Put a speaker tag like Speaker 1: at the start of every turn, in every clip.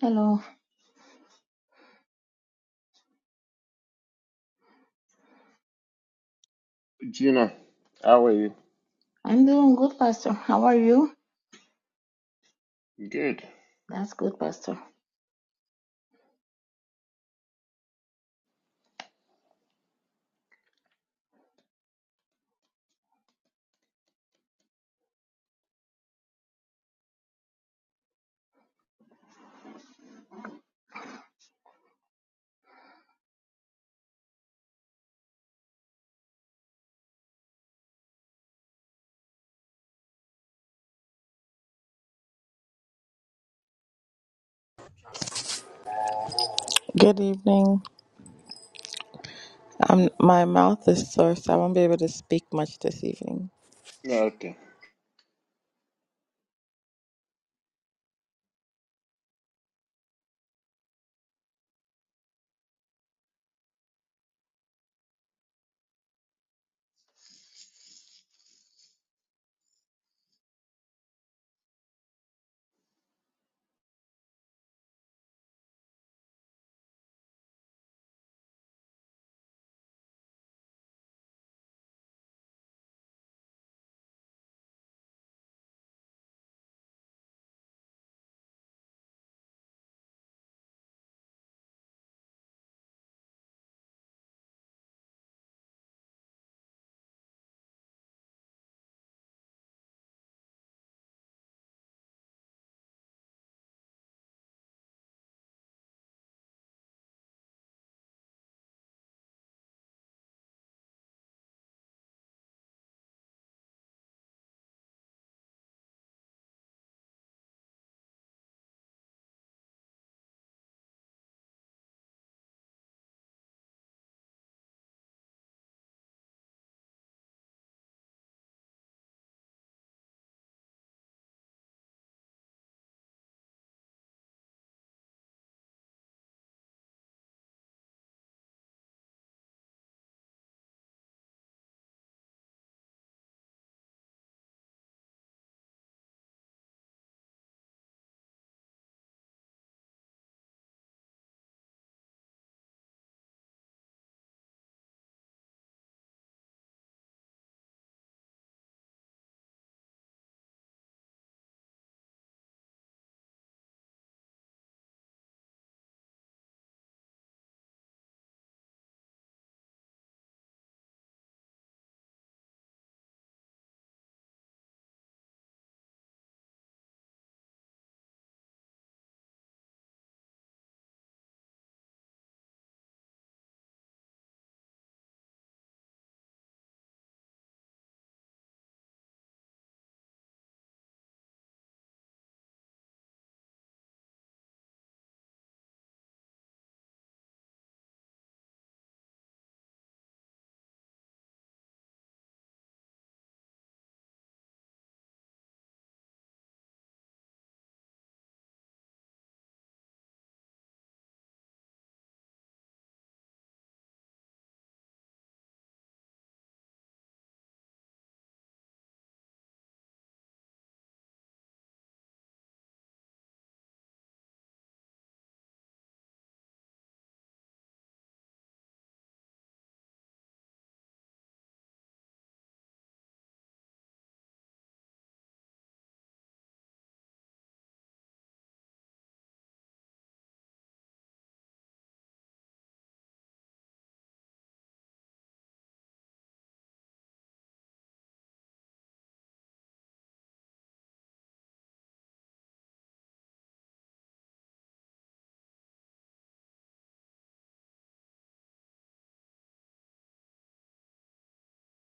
Speaker 1: Hello.
Speaker 2: Gina, how are you?
Speaker 1: I'm doing good, Pastor. How are you?
Speaker 2: Good.
Speaker 1: That's good, Pastor.
Speaker 3: Good evening. Um, my mouth is sore, so I won't be able to speak much this evening.
Speaker 2: Yeah, Okay.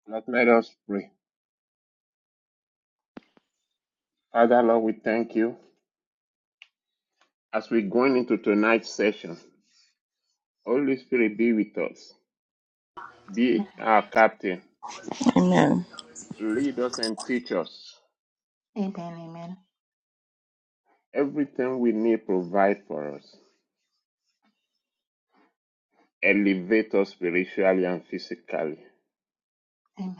Speaker 2: That made us pray. Father Lord, we thank you. As we're going into tonight's session, Holy Spirit be with us. Be
Speaker 1: Amen.
Speaker 2: our captain.
Speaker 3: Amen.
Speaker 2: Lead us and teach us.
Speaker 1: Amen. Amen.
Speaker 2: Everything we need, provide for us. Elevate us spiritually and physically.
Speaker 1: Amen.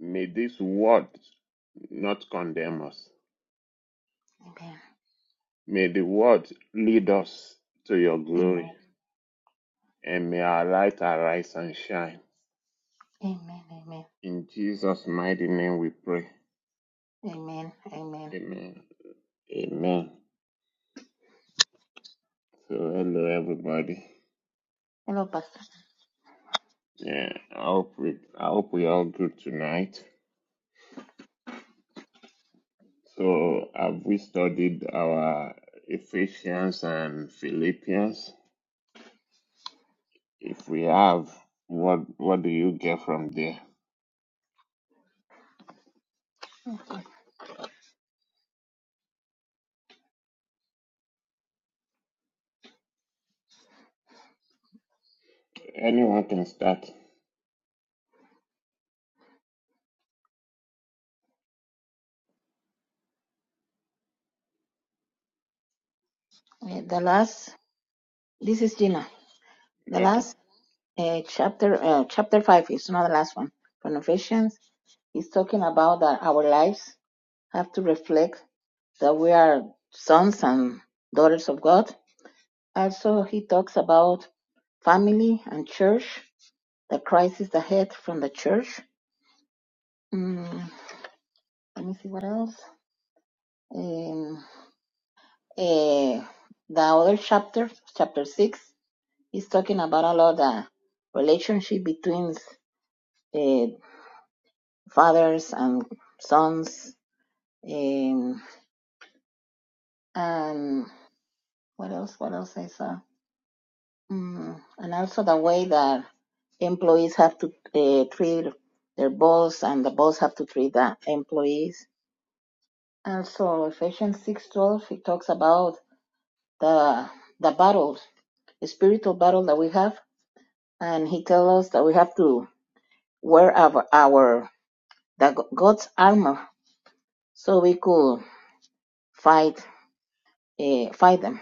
Speaker 2: May this word not condemn us.
Speaker 1: Amen.
Speaker 2: May the word lead us to your
Speaker 1: Amen.
Speaker 2: glory. And may our light arise and shine.
Speaker 1: Amen. Amen.
Speaker 2: In Jesus' mighty name we pray.
Speaker 1: Amen.
Speaker 2: Amen. Amen. So hello everybody.
Speaker 1: Hello, Pastor.
Speaker 2: Yeah, I hope we I hope we all good tonight. So have we studied our Ephesians and Philippians? If we have, what what do you get from there? Anyone can start.
Speaker 1: Uh, the last. This is Gina. The
Speaker 2: Okay.
Speaker 1: last uh, chapter. Uh, chapter five is not the last one. From Ephesians, he's talking about that our lives have to reflect that we are sons and daughters of God. Also, he talks about family and church. the crisis ahead from the church. Mm, let me see what else. Um, eh, the other chapter, chapter six, is talking about a lot the relationship between uh, fathers and sons. Um, and what else? What else I saw? Mm, and also the way that employees have to uh, treat their boss, and the boss have to treat the employees. And so Ephesians six twelve, it talks about the the battle, the spiritual battle that we have, and he tells us that we have to wear our our the God's armor so we could fight uh, fight them.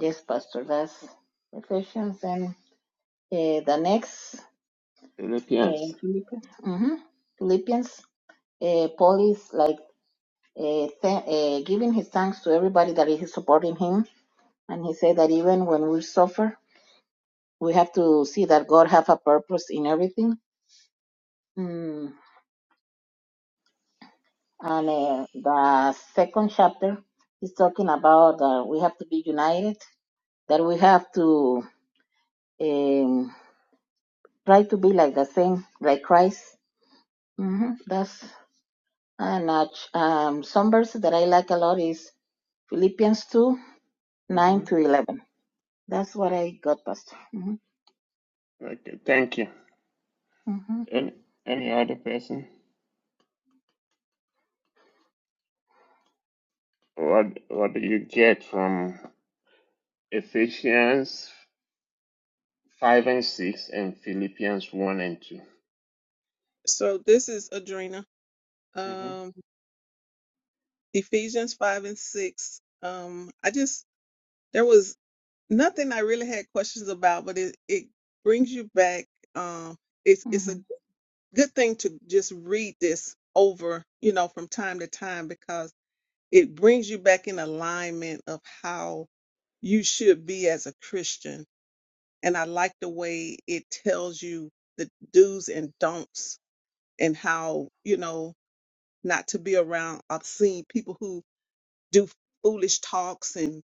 Speaker 1: Yes, Pastor, that's Ephesians, and uh, the next uh,
Speaker 2: Philippians.
Speaker 1: Philippians. hmm Philippians. Uh, Paul is like uh, th- uh, giving his thanks to everybody that is supporting him, and he said that even when we suffer, we have to see that God have a purpose in everything. Mm. And uh, the second chapter is talking about that we have to be united, that we have to um, try to be like the same, like Christ. hmm That's and uh, ch- um, some verses that I like a lot is Philippians two
Speaker 2: Mm-hmm.
Speaker 1: nine to eleven. That's what I got, Pastor. hmm
Speaker 2: Okay, thank you.
Speaker 1: hmm
Speaker 2: Any any other person? What what do you get from Ephesians 5 and 6 and Philippians 1 and 2.
Speaker 4: So this is Adrena.
Speaker 2: hmm
Speaker 4: Um, Ephesians five and six. Um, I just there was nothing I really had questions about, but it it brings you back. Um, it's it's
Speaker 1: hmm
Speaker 4: a good thing to just read this over, you know, from time to time because it brings you back in alignment of how you should be as a Christian. And I like the way it tells you the do's and don'ts and how you know. not to be around obscene people who do foolish talks and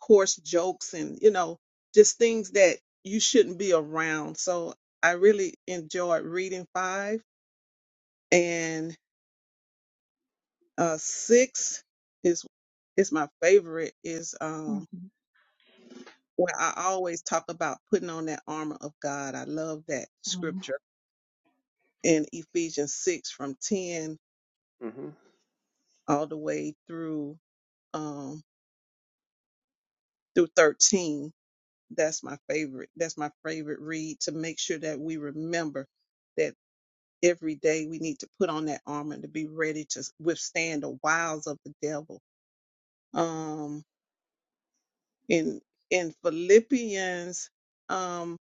Speaker 4: coarse jokes and you know just things that you shouldn't be around so i really enjoyed reading five and uh six is is my favorite is
Speaker 1: hmm
Speaker 4: um where i always talk about putting on that armor of god i love that
Speaker 1: I mean,
Speaker 4: scripture in ephesians 6 from 10
Speaker 2: hmm
Speaker 4: all the way through um through 13 that's my favorite that's my favorite read to make sure that we remember that every day we need to put on that armor to be ready to withstand the wiles of the devil um in in philippians um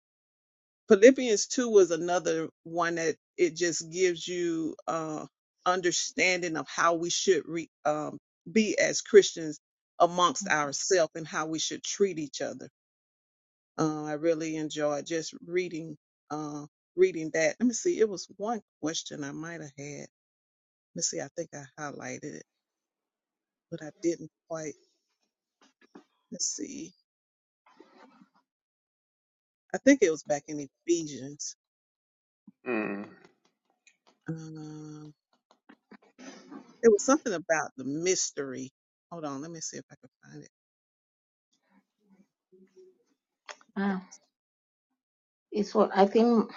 Speaker 4: philippians 2 was another one that it just gives you uh understanding of how we should re, um, be as christians amongst ourselves and how we should treat each other Uh, I really enjoyed just reading uh, reading that. Let me see. It was one question I might have had. Let me see. I think I highlighted it, but I didn't quite. Let's see. I think it was back in Ephesians.
Speaker 2: Mm.
Speaker 4: Um, it was something about the mystery. Hold on. Let me see if I can find it.
Speaker 1: ah, it's what I think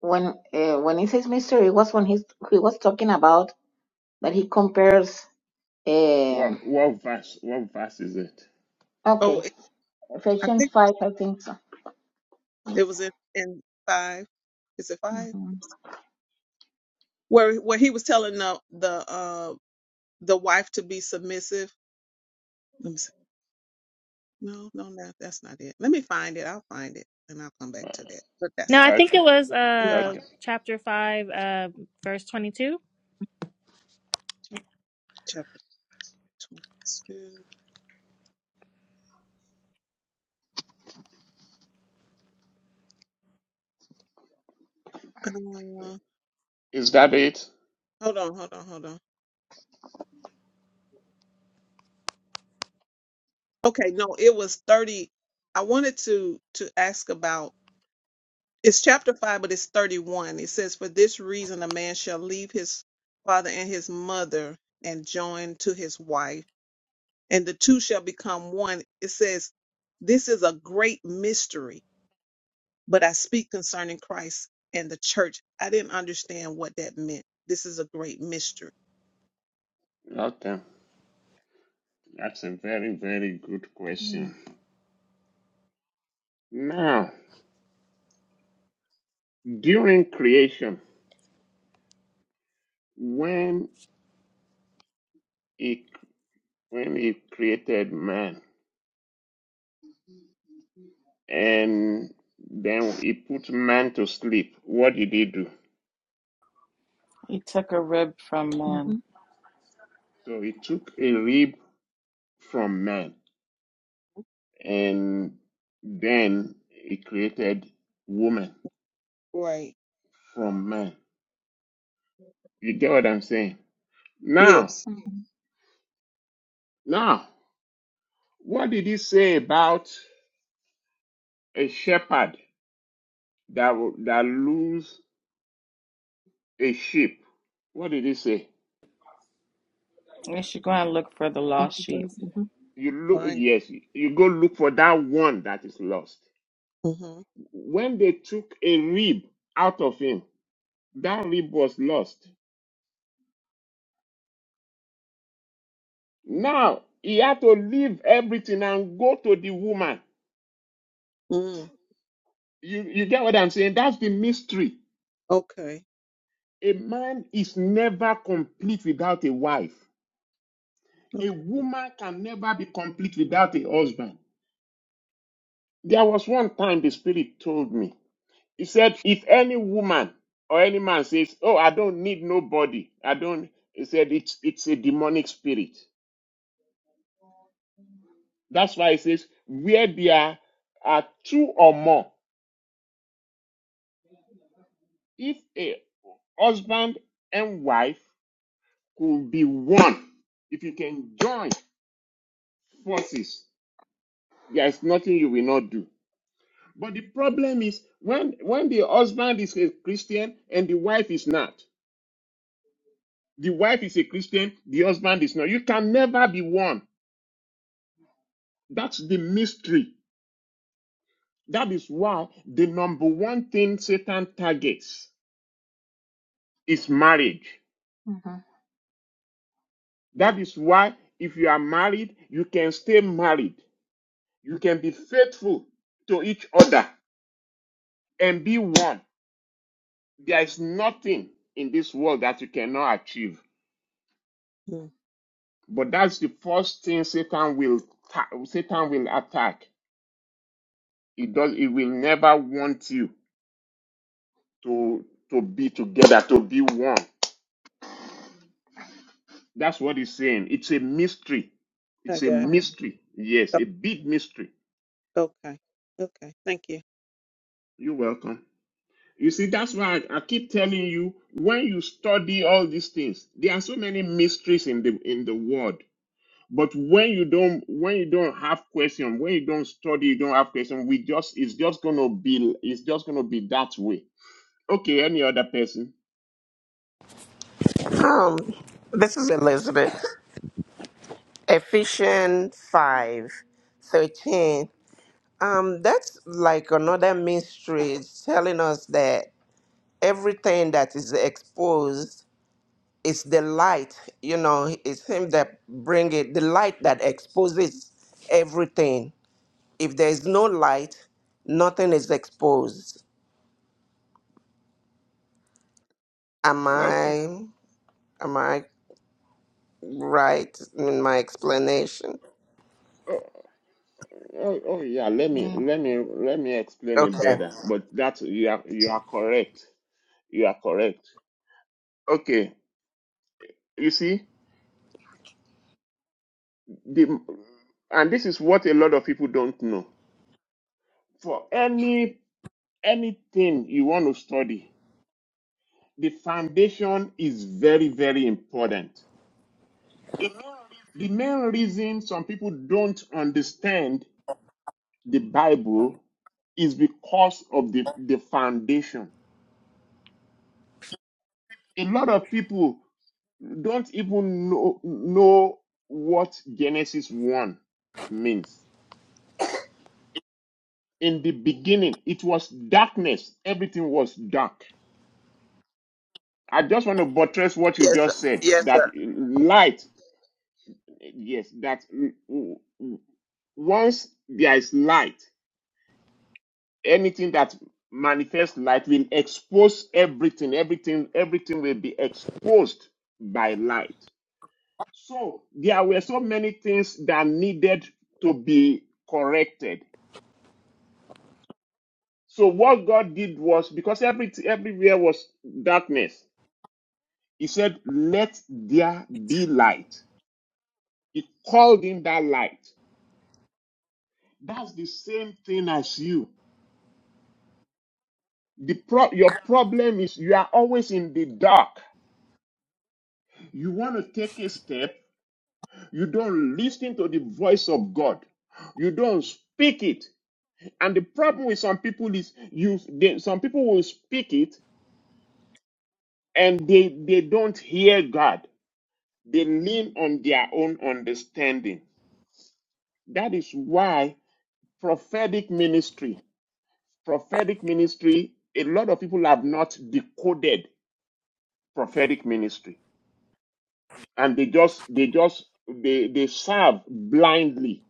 Speaker 1: when uh, when he says mystery, it was when he's, he was talking about that he compares. Um,
Speaker 2: What, what verse? What verse is it?
Speaker 4: Oh,
Speaker 1: okay,
Speaker 4: it- I
Speaker 1: Ephesians
Speaker 4: think
Speaker 1: 5, I think so. Yes.
Speaker 4: it was in, in five. Is it five?
Speaker 1: Mm-hmm.
Speaker 4: Where where he was telling the the uh the wife to be submissive. No, no, no, that's not it. Let me find it. I'll find it and I'll come back
Speaker 2: Uh,
Speaker 4: to that. But that's
Speaker 5: No, I
Speaker 4: all.
Speaker 5: think it
Speaker 2: okay.
Speaker 5: was
Speaker 4: Let me find
Speaker 5: uh
Speaker 2: Okay.
Speaker 5: chapter five, uh, verse twenty-two.
Speaker 4: chapter 22. Uh,
Speaker 2: Is that it?
Speaker 4: hold on, hold on, hold on. Okay, no, it was 30. I wanted to to ask about it's chapter 5, but it's 31. It says, For this reason, a man shall leave his father and his mother and join to his wife, and the two shall become one. It says, This is a great mystery but I speak concerning Christ and the church. I didn't understand what that meant. This is a great mystery.
Speaker 2: Okay. That's a very, very good
Speaker 5: Mm.
Speaker 2: question. Now, during creation, when he when he created man and then he put man to sleep, what did he do?
Speaker 3: He took a rib from
Speaker 1: Mm-hmm.
Speaker 3: man.
Speaker 2: So he took a rib from man and then he created woman
Speaker 4: Right.
Speaker 2: from man. You get what I'm saying? Now,
Speaker 4: Yes.
Speaker 1: Mm-hmm.
Speaker 2: now, what did he say about a shepherd that that lose a sheep? What did he say?
Speaker 3: We should go and look for the lost sheep.
Speaker 1: Mm-hmm.
Speaker 2: You look,
Speaker 4: Fine.
Speaker 2: yes, you go look for that one that is lost.
Speaker 4: hmm
Speaker 2: When they took a rib out of him, that rib was lost. Now he had to leave everything and go to the woman
Speaker 4: Mm.
Speaker 2: You you get what I'm saying? That's the mystery.
Speaker 4: Okay.
Speaker 2: A man is never complete without a wife. A
Speaker 4: Okay.
Speaker 2: woman can never be complete without a husband. There was one time the spirit told me. He said, if any woman or any man says, "Oh, I don't need nobody," I don't. He said, "It's it's a demonic spirit." That's why he says, "Where there are two or more, if a husband and wife could be one, if you can join." forces. There's nothing you will not do. But the problem is when when the husband is a Christian and the wife is not. The wife is a Christian, the husband is not. You can never be one. That's the mystery. That is why the number one thing Satan targets is marriage.
Speaker 1: Mm-hmm. Mm-hmm.
Speaker 2: That is why if you are married, you can stay married. You can be faithful to each other and be one. There is nothing in this world that you cannot achieve.
Speaker 4: Mm.
Speaker 2: But that's the first thing Satan will ta- Satan will attack. It does. It will never want you to to be together, to be one. That's what he's saying. It's a mystery.
Speaker 4: I
Speaker 2: It's a
Speaker 4: got it.
Speaker 2: mystery. Yes,
Speaker 4: O-
Speaker 2: a big mystery.
Speaker 4: Okay. Okay. Thank you.
Speaker 2: You're welcome. You see, that's why I, I keep telling you when you study all these things, there are so many mysteries in the in the world. But when you don't when you don't have question, when you don't study, you don't have question, we just it's just gonna be it's just gonna be that way. Okay, any other person?
Speaker 6: Um, this is Elizabeth. Ephesians 5, 13. Um, that's like another mystery It's telling us that everything that is exposed is the light. You know, it's Him that bring it, the light that exposes everything. If there is no light, nothing is exposed. Am
Speaker 2: Okay.
Speaker 6: I am I right in my explanation?
Speaker 2: Oh, oh, oh yeah, let me let me let me explain it
Speaker 6: Okay.
Speaker 2: better. But that's you are you are correct. You are correct. Okay. You see, the and this is what a lot of people don't know. For any anything you want to study, the foundation is very, very important The main reason some people don't understand the Bible is because of the, the foundation. A lot of people don't even know, know what Genesis 1 means. In the beginning, it was darkness, everything was dark. I just want to buttress what you
Speaker 6: Yes, sir.
Speaker 2: just said
Speaker 6: yes, sir.
Speaker 2: that light, yes, that once there is light, anything that manifests light will expose everything. Everything, everything will be exposed by light. So there were so many things that needed to be corrected. So what God did was because every everywhere was darkness. He said, "Let there be light." He called in that light. That's the same thing as you. The pro- your problem is you are always in the dark. You want to take a step, You don't listen to the voice of God. You don't speak it. And the problem with some people is you they, some people will speak it and they they don't hear God. They lean on their own understanding. That is why prophetic ministry, prophetic ministry, a lot of people have not decoded prophetic ministry. And they just they just they, they serve blindly.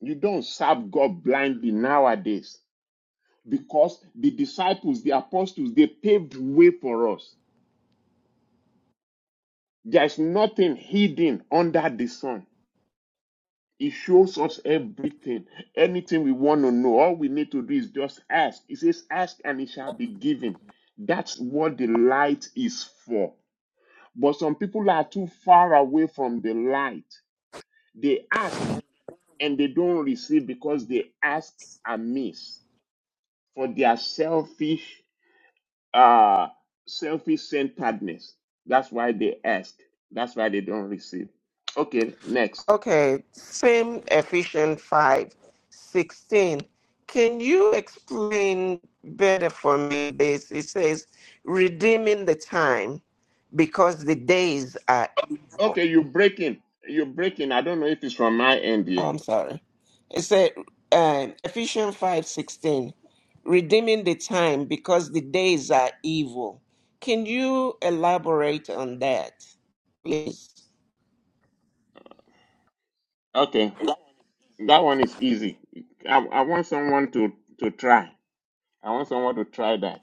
Speaker 2: You don't serve God blindly nowadays. because the disciples, the apostles, they paved way for us. There is nothing hidden under the sun. It shows us everything, anything we want to know. All we need to do is just ask. It says, Ask and it shall be given. That's what the light is for. But some people are too far away from the light. They ask and they don't receive because they ask amiss for their selfish uh, selfish centeredness. That's why they ask. That's why they don't receive. Okay, next.
Speaker 6: Okay, same Ephesians 5, 16. Can you explain better for me this? It says, redeeming the time because the days are evil.
Speaker 2: Okay, you breaking. You're breaking. I don't know if it's from my end
Speaker 6: Oh,
Speaker 2: here.
Speaker 6: I'm sorry. It said, um, Ephesians 5, 16, redeeming the time because the days are evil. Can you elaborate on that, please?
Speaker 2: Okay, that one is easy. I, I want someone to, to try. I want someone to try that.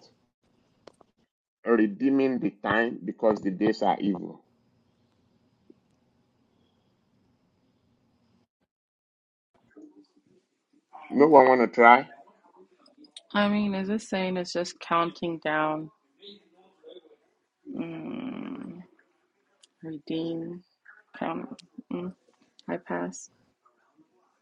Speaker 2: Redeeming the time because the days are evil. No one want to try?
Speaker 3: I mean, is this saying it's just counting down? Mm, redeem, count. Mm, I pass.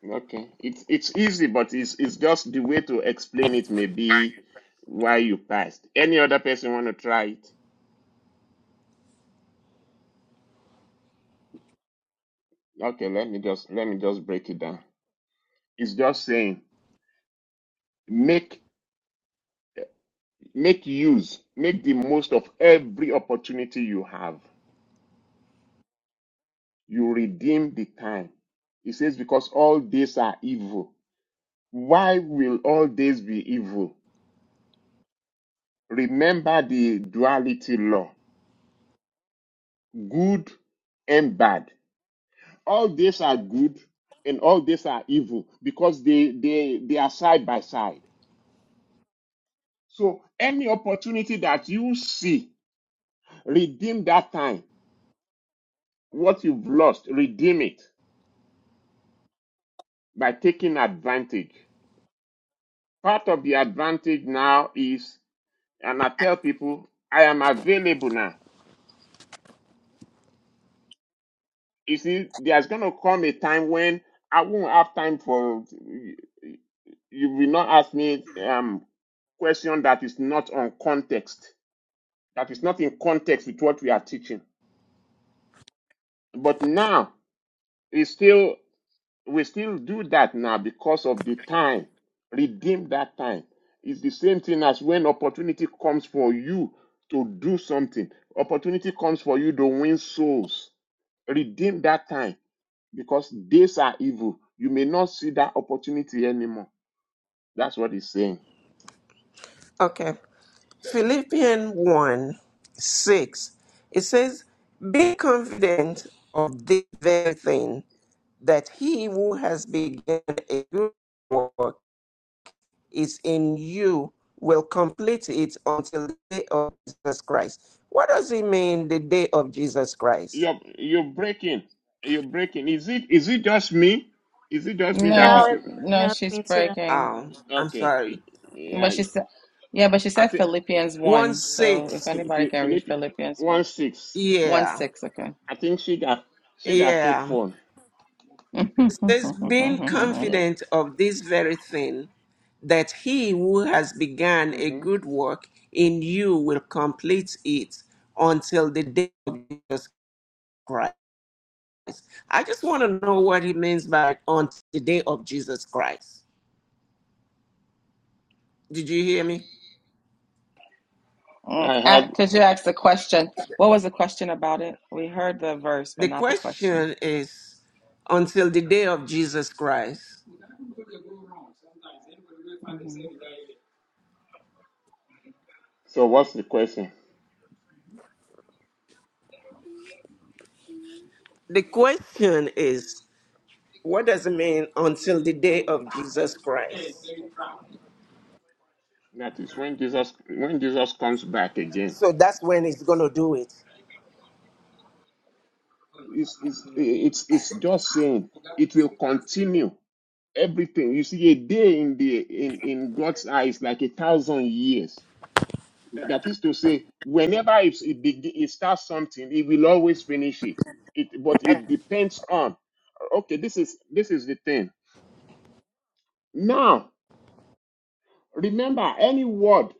Speaker 2: Okay. It's it's easy, but it's it's just the way to explain it may be why you passed. Any other person want to try it? Okay, let me just let me just break it down. It's just saying make make use, make the most of every opportunity you have. You redeem the time. It says because all days are evil. Why will all days be evil? Remember the duality law. Good and bad. All days are good and all days are evil because they they they are side by side. So any opportunity that you see Redeem that time. What you've lost, redeem it by taking advantage. Part of the advantage now is, and I tell people, I am available now. You see, there's going to come a time when I won't have time for, you will not ask me um, question that is not on context, that is not in context with what we are teaching. But now, it's still we still do that now because of the time. Redeem that time. It's the same thing as when opportunity comes for you to do something. Opportunity comes for you to win souls. Redeem that time because days are evil. You may not see that opportunity anymore. That's what he's saying.
Speaker 6: Okay. Philippians 1 6, it says, Be confident of this very thing, that he who has begun a good work is in you, will complete it until the day of Jesus Christ. What does it mean, the day of Jesus Christ?
Speaker 2: You're you're breaking. You're breaking. Is it is it just me? Is it just me that
Speaker 5: No,
Speaker 2: is
Speaker 3: No,
Speaker 5: it,
Speaker 3: no,
Speaker 5: no, it's
Speaker 3: she's
Speaker 5: me too.
Speaker 3: breaking.
Speaker 6: Oh, I'm
Speaker 2: okay?
Speaker 6: sorry.
Speaker 3: But
Speaker 2: Yeah,
Speaker 3: she said, yeah, but she
Speaker 2: I
Speaker 3: said
Speaker 2: think
Speaker 3: Philippians
Speaker 6: 1
Speaker 3: 1. So if
Speaker 6: 6.
Speaker 3: anybody can read
Speaker 2: Philippians
Speaker 3: Philippians 1,
Speaker 2: one six.
Speaker 3: 1
Speaker 6: Yeah,
Speaker 3: 6,
Speaker 2: I think she got she got fake
Speaker 6: yeah.
Speaker 2: phone.
Speaker 6: It says, Being
Speaker 3: okay.
Speaker 2: Yeah.
Speaker 6: confident of this very thing, that he who has begun a
Speaker 2: hmm
Speaker 6: good work in you will complete it until the day of Jesus Christ. I just want to know what he means by until the day of Jesus Christ. Did you hear me?
Speaker 3: Mm,
Speaker 2: I
Speaker 3: a-
Speaker 2: had.
Speaker 3: Could you ask the question? What was the question about it? We heard the verse, but
Speaker 6: The
Speaker 3: not the question.
Speaker 6: question is until the day of Jesus Christ.
Speaker 2: So what's the question?
Speaker 6: The question is what does it mean until the day of Jesus Christ?
Speaker 2: That is when Jesus when Jesus comes back again.
Speaker 6: So that's when he's going to do it.
Speaker 2: It's it's it's it's just saying it will continue everything. You see, a day in the in in God's eyes like a thousand years. That is to say, whenever it it, begin, it starts something, it will always finish it. It but it depends on. Okay, this is this is the thing. Now remember, any word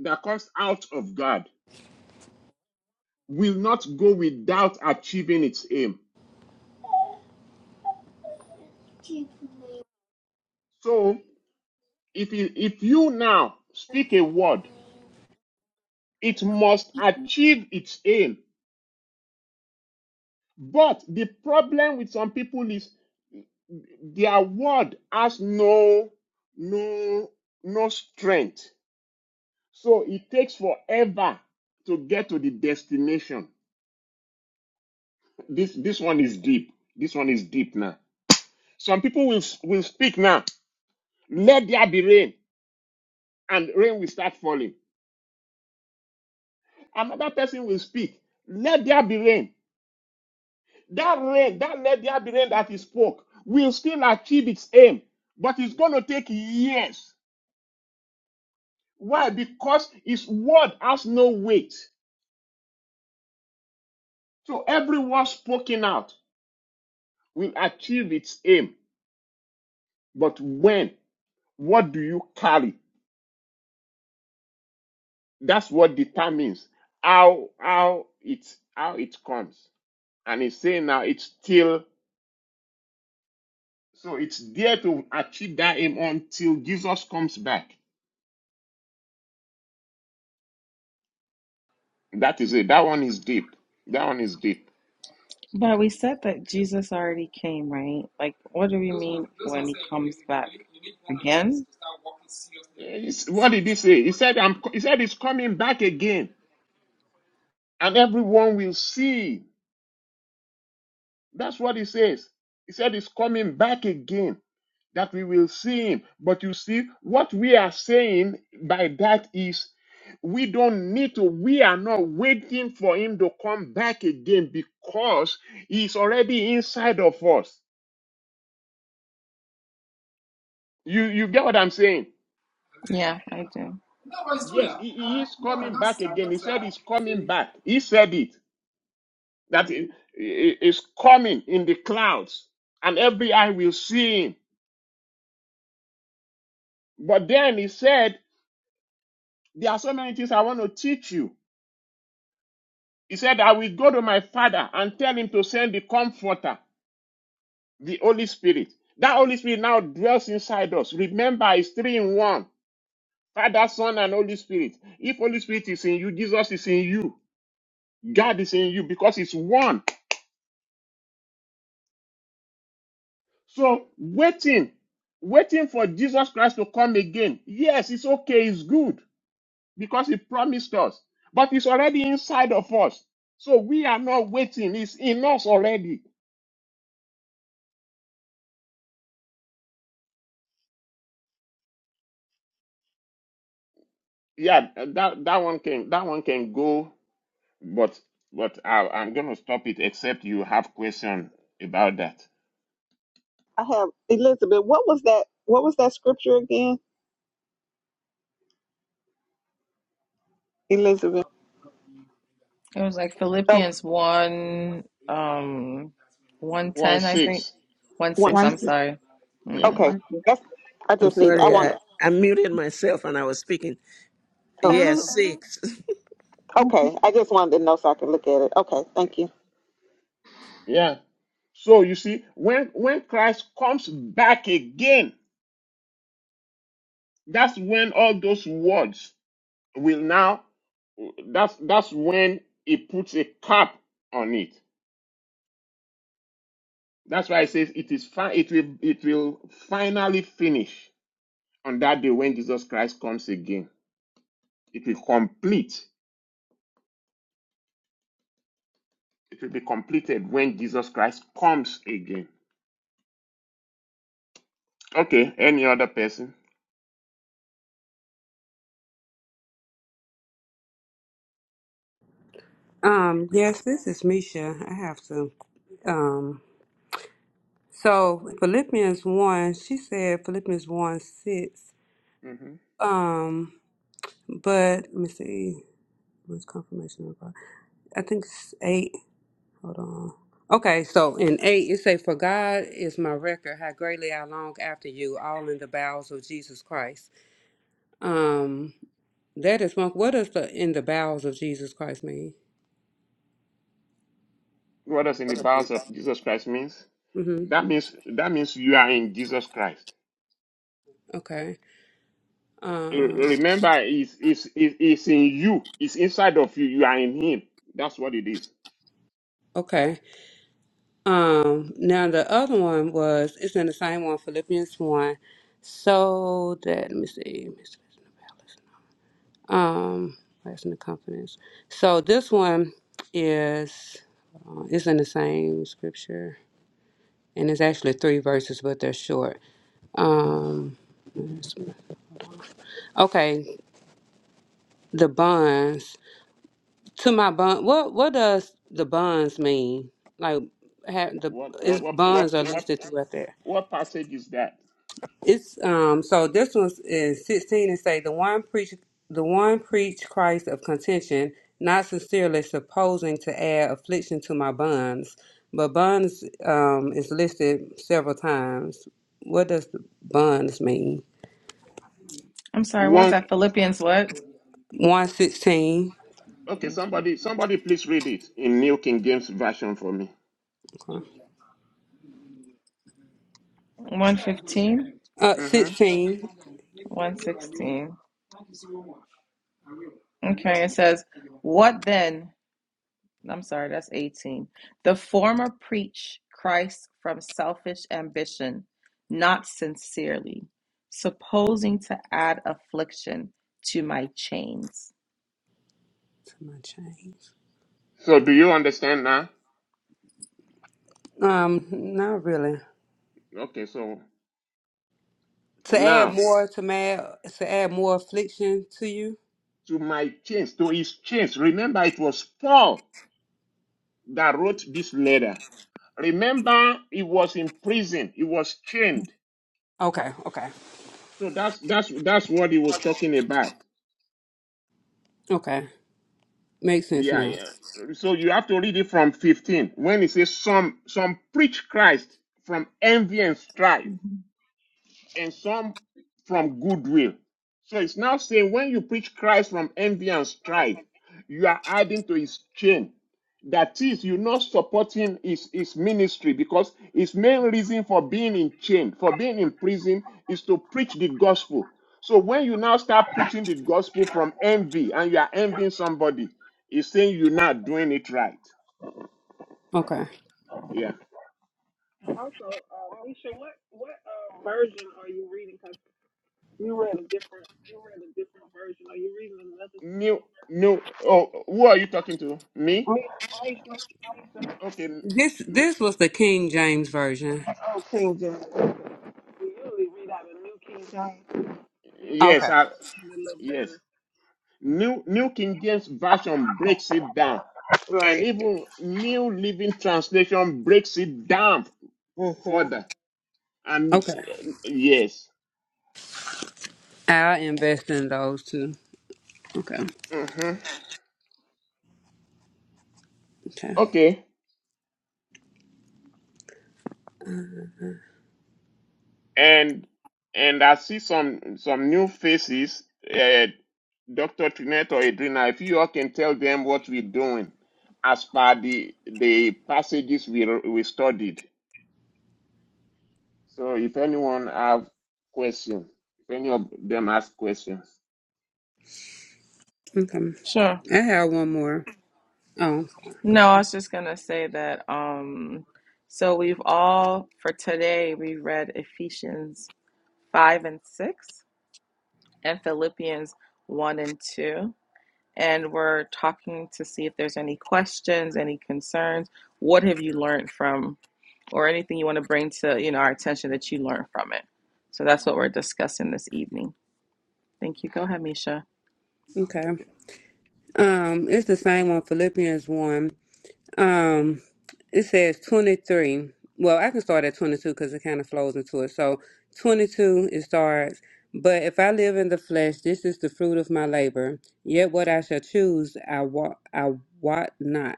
Speaker 2: that comes out of God will not go without achieving its aim. So if you, if you now speak a word, it must achieve its aim. But the problem with some people is their word has no no no strength. So it takes forever to get to the destination. This this one is deep. This one is deep now. Some people will will speak now. Let there be rain. and rain will start falling. Another person will speak. Let there be rain. That rain, that let there be rain that he spoke will still achieve its aim, but it's going to take years. Why? Because his word has no weight. So every word spoken out will achieve its aim. But when? What do you carry? That's what determines how how it how it comes. And he's saying now it's still So it's there to achieve that aim until Jesus comes back. That is it. That one is deep. That one is deep.
Speaker 3: But we said that Jesus already came, right? Like, what do we mean when he comes back again?
Speaker 2: Eh, It's- what did he say? He said, I'm, co- he said he's coming back again and everyone will see. That's what he says. He said he's coming back again that we will see him. But you see, what we are saying by that is we don't need to, we are not waiting for him to come back again because he's already inside of us. You you get what I'm saying?
Speaker 3: Yeah, I do.
Speaker 2: Yes, he, he is coming back again. He said he's coming back. He said it that he he is coming in the clouds, and every eye will see him. But then he said, There are so many things I want to teach you. He said, I will go to my father and tell him to send the comforter, the Holy Spirit. That Holy Spirit now dwells inside us. Remember, it's three in one. Father, Son, and Holy Spirit. If Holy Spirit is in you, Jesus is in you. God is in you because it's one. So waiting, waiting for Jesus Christ to come again. Yes, it's okay, it's good because he promised us, but it's already inside of us. So we are not waiting, it's in us already. Yeah, that, that one can that one can go, but but I, I'm gonna stop it except you have question about that.
Speaker 4: I have Elizabeth. What was that? What was that scripture again? Elizabeth.
Speaker 3: It was like
Speaker 4: Oh,
Speaker 3: Philippians 1, um,
Speaker 2: One
Speaker 3: 110, I think.
Speaker 2: six.
Speaker 3: 1
Speaker 4: one.
Speaker 3: 6,
Speaker 1: One,
Speaker 3: I'm
Speaker 4: second.
Speaker 1: sec-
Speaker 3: sorry.
Speaker 2: Yeah.
Speaker 3: Mm.
Speaker 4: Okay.
Speaker 1: one. sec.
Speaker 4: That's. I
Speaker 6: I'm
Speaker 4: just need. I
Speaker 6: sorry,
Speaker 4: want.
Speaker 6: I, I muted myself and I was speaking.
Speaker 4: Oh.
Speaker 7: Hello.
Speaker 6: Yes. six.
Speaker 7: Mhm.
Speaker 4: Okay. I just wanted to know so I could look at it. Okay. Thank you.
Speaker 2: Yeah. So you see, when when Christ comes back again, that's when all those words will now that's that's when it puts a cap on it. That's why it says it is fine. It will it will finally finish on that day when Jesus Christ comes again. It will complete. It will be completed when Jesus Christ comes again. Okay. Any other person?
Speaker 8: Um, yes, this is Misha. I have to. Um, so Philippians 1, she said Philippians 1 6.
Speaker 2: hmm
Speaker 8: Um, but let me see. What's confirmation about? I think it's 8. Hold on. Okay, so in 8, it say, For God is my record, how greatly I long after you, all in the bowels of Jesus Christ. Um, that is one. What does the in the bowels of Jesus Christ mean?
Speaker 2: What does in the bowels of Jesus Christ means?
Speaker 8: Mm-hmm.
Speaker 2: That means that means you are in Jesus Christ.
Speaker 8: Okay. Um,
Speaker 2: Remember, it's, it's, it's it's in you. It's inside of you. You are in Him. That's what it is.
Speaker 8: okay. Um, now the other one was it's in the same one, Philippians one. So that let me see, um, rest in the confidence. So this one is uh, it's in the same scripture, and it's actually three verses, but they're short. Um, okay, the bonds to my bond. What what does the bonds mean? Like have the
Speaker 2: What
Speaker 8: its
Speaker 2: what what
Speaker 8: bonds are
Speaker 2: what
Speaker 8: listed throughout there.
Speaker 2: what passage is that?
Speaker 8: It's um so this one's in sixteen and say the one preach the one preach Christ of contention, not sincerely supposing to add affliction to my bonds, but bonds um is listed several times. What does the bonds mean?
Speaker 3: I'm sorry, what was
Speaker 2: One.
Speaker 3: that? Philippians what?
Speaker 8: One sixteen.
Speaker 2: Okay,
Speaker 3: Thank you.
Speaker 2: somebody somebody please read it in New King James Version for me.
Speaker 8: Okay.
Speaker 3: 115?
Speaker 8: Uh
Speaker 2: hmm
Speaker 8: sixteen.
Speaker 3: 116. Okay, it says, What then? I'm sorry, that's 18. The former preach Christ from selfish ambition, not sincerely, supposing to add affliction to my chains.
Speaker 8: To my change.
Speaker 2: So do you understand now?
Speaker 8: Um, not really.
Speaker 2: Okay, so
Speaker 8: To add
Speaker 2: now
Speaker 8: more to mad to add more affliction to you?
Speaker 2: to my chains, to his chains. Remember, it was Paul that wrote this letter. Remember, he was in prison. He was chained.
Speaker 8: Okay, okay,
Speaker 2: So that's that's that's what he was talking about.
Speaker 8: okay. Makes sense
Speaker 2: Yeah,
Speaker 8: now.
Speaker 2: yeah. So you have to read it from 15 when it says some some preach Christ from envy and strife and some from goodwill. So it's now saying when you preach Christ from envy and strife, you are adding to his chain. That is, you're not supporting his, his ministry because his main reason for being in chain, for being in prison, is to preach the gospel. So when you now start preaching the gospel from envy and you are envying somebody, it's saying you're not doing it right.
Speaker 8: Okay.
Speaker 2: Yeah.
Speaker 4: Also, uh, Alicia, what what uh, version are you reading? 'Cause You read a different. You read a different version. Are you reading another?
Speaker 2: New, new. Oh, who are you talking to?
Speaker 4: Uh,
Speaker 2: Me?
Speaker 4: me, me,
Speaker 2: Okay. m-
Speaker 8: This
Speaker 2: m-
Speaker 8: this was the King James version.
Speaker 4: oh, King James. We usually read out a new King James. You can
Speaker 2: Yes.
Speaker 8: Okay.
Speaker 4: probably
Speaker 2: I,
Speaker 4: read it a little
Speaker 2: Yes.
Speaker 4: better.
Speaker 2: New New King James Version breaks it down. And
Speaker 4: Right.
Speaker 2: even New Living Translation breaks it down
Speaker 4: Mhm.
Speaker 2: further. And
Speaker 8: Okay.
Speaker 2: eh, yes.
Speaker 8: I'll invest in those too. Okay.
Speaker 2: hmm
Speaker 8: Okay.
Speaker 2: Okay. And and I see some some new faces. Uh, Dr. Trinet or Adrina, if you all can tell them what we're doing as per the the passages we we studied. So if anyone have question, if any of them ask questions.
Speaker 8: Okay.
Speaker 3: Sure.
Speaker 8: I have one more. Oh,
Speaker 3: No, I was just going to say that. Um, so we've all, for today, we read Ephesians 5 and 6 and Philippians 1 and 2. and we're talking to see if there's any questions, any concerns. What have you learned from, or anything you want to bring to you know our attention that you learned from it? So that's what we're discussing this evening. Thank you. Go ahead, Misha.
Speaker 2: Okay.
Speaker 8: okay. Um, it's the same one, Philippians one. Um, it says twenty three. Well, I can start at twenty two because it kind of flows into it. So twenty two it starts. But if I live in the flesh, this is the fruit of my labor. Yet what I shall choose, I wot I wot not.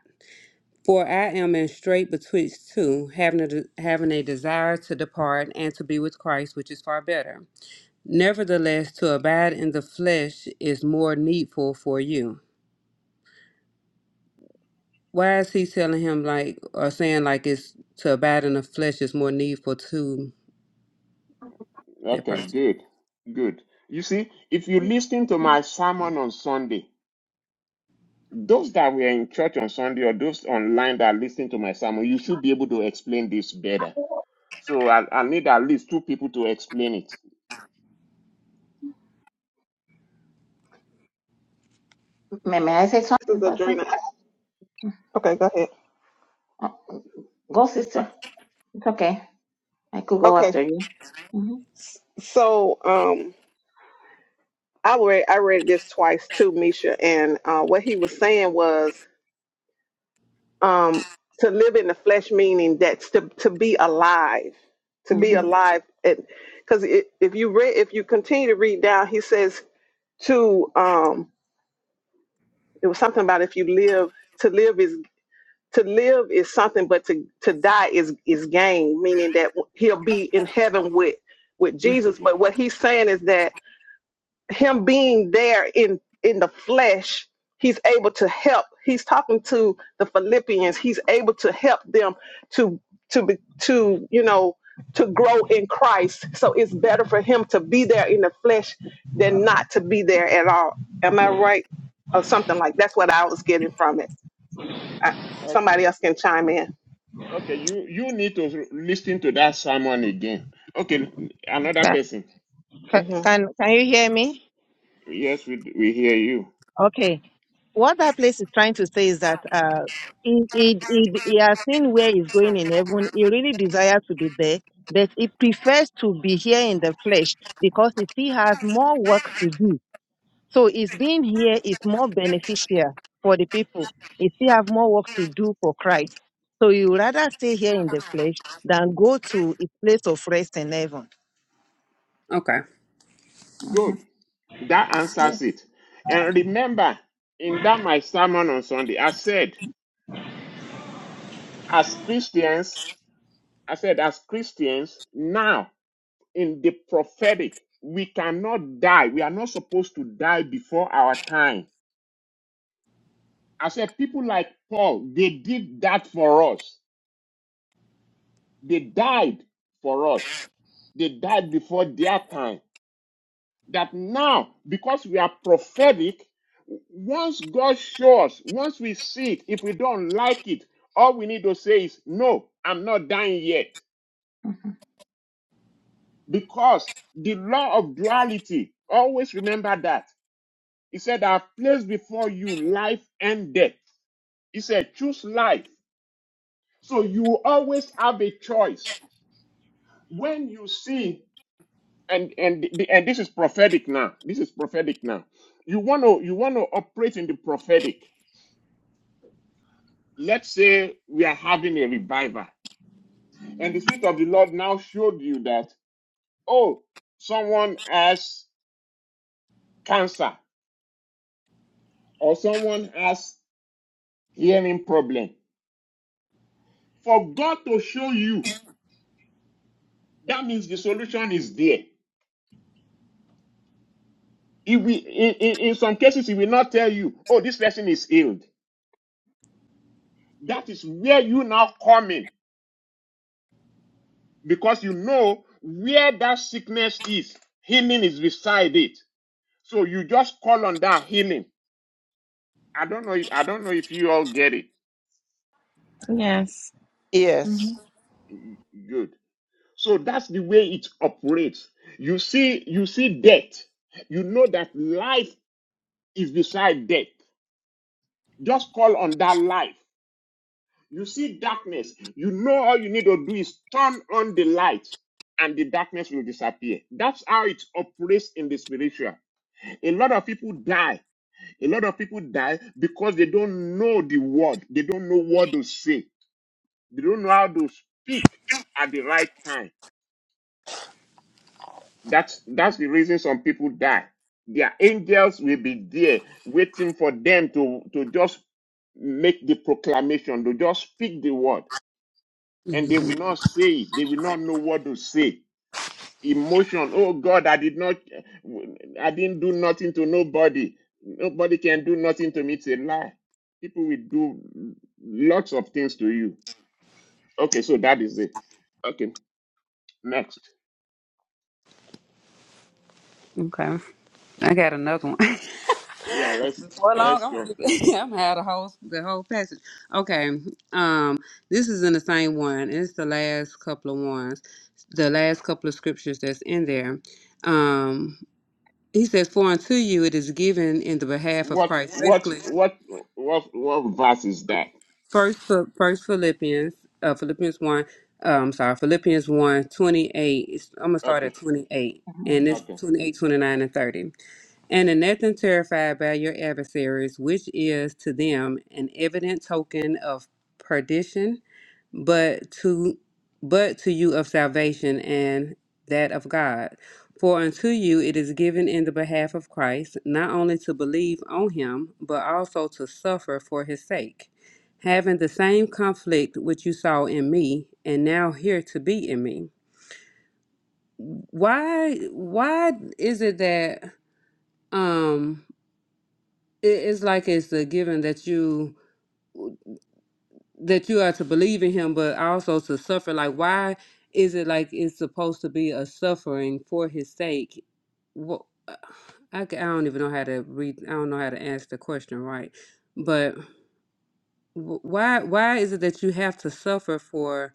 Speaker 8: For I am in strait betwixt two, having a, de- having a desire to depart and to be with Christ, which is far better. Nevertheless, to abide in the flesh is more needful for you. Why is he telling him like or saying like it's to abide in the flesh is more needful to that
Speaker 2: Okay,
Speaker 8: person?
Speaker 2: good, good. You see, if you listen to my sermon on Sunday, those that were in church on Sunday or those online that listen to my sermon, you should be able to explain this better. So I, I need at least two people to explain it.
Speaker 1: May, may I say
Speaker 4: This is
Speaker 1: something, Pastor?
Speaker 4: Adrena. Okay, go ahead.
Speaker 1: Oh, go, sister. It's okay. I could go
Speaker 4: Okay.
Speaker 1: after you. Mm-hmm.
Speaker 4: S- So, um, I read I read this twice too, Misha, and uh, what he was saying was um, to live in the flesh, meaning that's to to be alive, to be
Speaker 1: Mm-hmm.
Speaker 4: alive, and because if you read if you continue to read down, he says to um it was something about if you live to live is to live is something but to to die is is gain meaning that he'll be in heaven with with jesus but what he's saying is that him being there in in the flesh he's able to help he's talking to the philippians he's able to help them to to be to you know to grow in christ so it's better for him to be there in the flesh than not to be there at all am i right or something like that's what i was getting from it I,
Speaker 2: Okay,
Speaker 4: somebody else can chime in
Speaker 2: okay, you you need to listen to that sermon again. Okay, another
Speaker 9: Can,
Speaker 2: person.
Speaker 9: can,
Speaker 4: hmm
Speaker 9: can can you hear me?
Speaker 2: Yes, we we hear you.
Speaker 9: Okay. What that place is trying to say is that uh, he, he, he, he has seen where he's going in heaven. He really desires to be there, but he prefers to be here in the flesh because he still has more work to do. So his being here is more beneficial for the people. He still have more work to do for Christ. So he would rather stay here in the flesh than go to a place of rest in heaven.
Speaker 8: Okay.
Speaker 1: Mm-hmm.
Speaker 2: Good. That
Speaker 1: Yes.
Speaker 2: answers it. And remember, in that my sermon on Sunday, I said, as Christians. I said, as Christians, now in the prophetic, we cannot die. We are not supposed to die before our time. I said, people like Paul, they did that for us. They died for us. They died before their time. That now, because we are prophetic, once God shows us, once we see it, if we don't like it, all we need to say is, No, I'm not dying yet.
Speaker 1: Mm-hmm.
Speaker 2: Because the law of duality, always remember that He said, I've placed before you life and death. He said, choose life. So you always have a choice. When you see, and and and this is prophetic now. This is prophetic now. You want to you want to operate in the prophetic. Let's say we are having a revival, and the spirit of the Lord now showed you that oh, someone has cancer or someone has hearing problem. For God to show you, that means the solution is there. He will, in, in, in some cases, he will not tell you, oh, this person is healed. That is where you now come in because you know where that sickness is. Healing is beside it. So you just call on that healing. I don't know. If, I don't know if you all get it.
Speaker 3: Yes.
Speaker 6: Yes.
Speaker 1: Mm-hmm.
Speaker 2: Good. So that's the way it operates. You see, you see death. You know that life is beside death. Just call on that life. You see darkness. You know all you need to do is turn on the light and the darkness will disappear. That's how it operates in the spiritual. A lot of people die. A lot of people die because they don't know the word. They don't know what to say. They don't know how to speak at the right time. That's that's the reason some people die. Their angels will be there waiting for them to, to just make the proclamation, to just speak the word. and they will
Speaker 8: Mhm.
Speaker 2: not say it. They will not know what to say. Emotion, oh God, I did not, I didn't do nothing to nobody. Nobody can do nothing to me. It's a lie. People will do lots of things to you. Okay, so that is it. Okay, next.
Speaker 8: I got another one.
Speaker 2: Yeah, let's
Speaker 8: Before long,
Speaker 2: let's
Speaker 8: I'm
Speaker 2: go.
Speaker 8: gonna keep- I'm gonna have the whole the whole passage. Okay, um, this is in the same one. It's the last couple of ones, the last couple of scriptures that's in there. Um, he says, "For unto you it is given in the behalf of
Speaker 2: What
Speaker 8: Christ."
Speaker 2: what
Speaker 8: Basically,
Speaker 2: what what what verse is that?
Speaker 8: first Phil- first Philippians, uh, Philippians one. Um, sorry, Philippians one twenty eight. It's, I'm gonna start at
Speaker 2: Okay,
Speaker 8: twenty eight,
Speaker 1: Uh
Speaker 8: and it's
Speaker 2: okay,
Speaker 8: 28, 29, and thirty. And in nothing terrified by your adversaries, which is to them an evident token of perdition, but to but to you of salvation and that of God. For unto you it is given in the behalf of Christ, not only to believe on him, but also to suffer for his sake, having the same conflict which you saw in me, and now here to be in me. Why why is it that um it, it's like it's a given that you that you are to believe in him but also to suffer like why is it like it's supposed to be a suffering for his sake what I, ca- I don't even know how to read i don't know how to answer the question right but wh- why why is it that you have to suffer for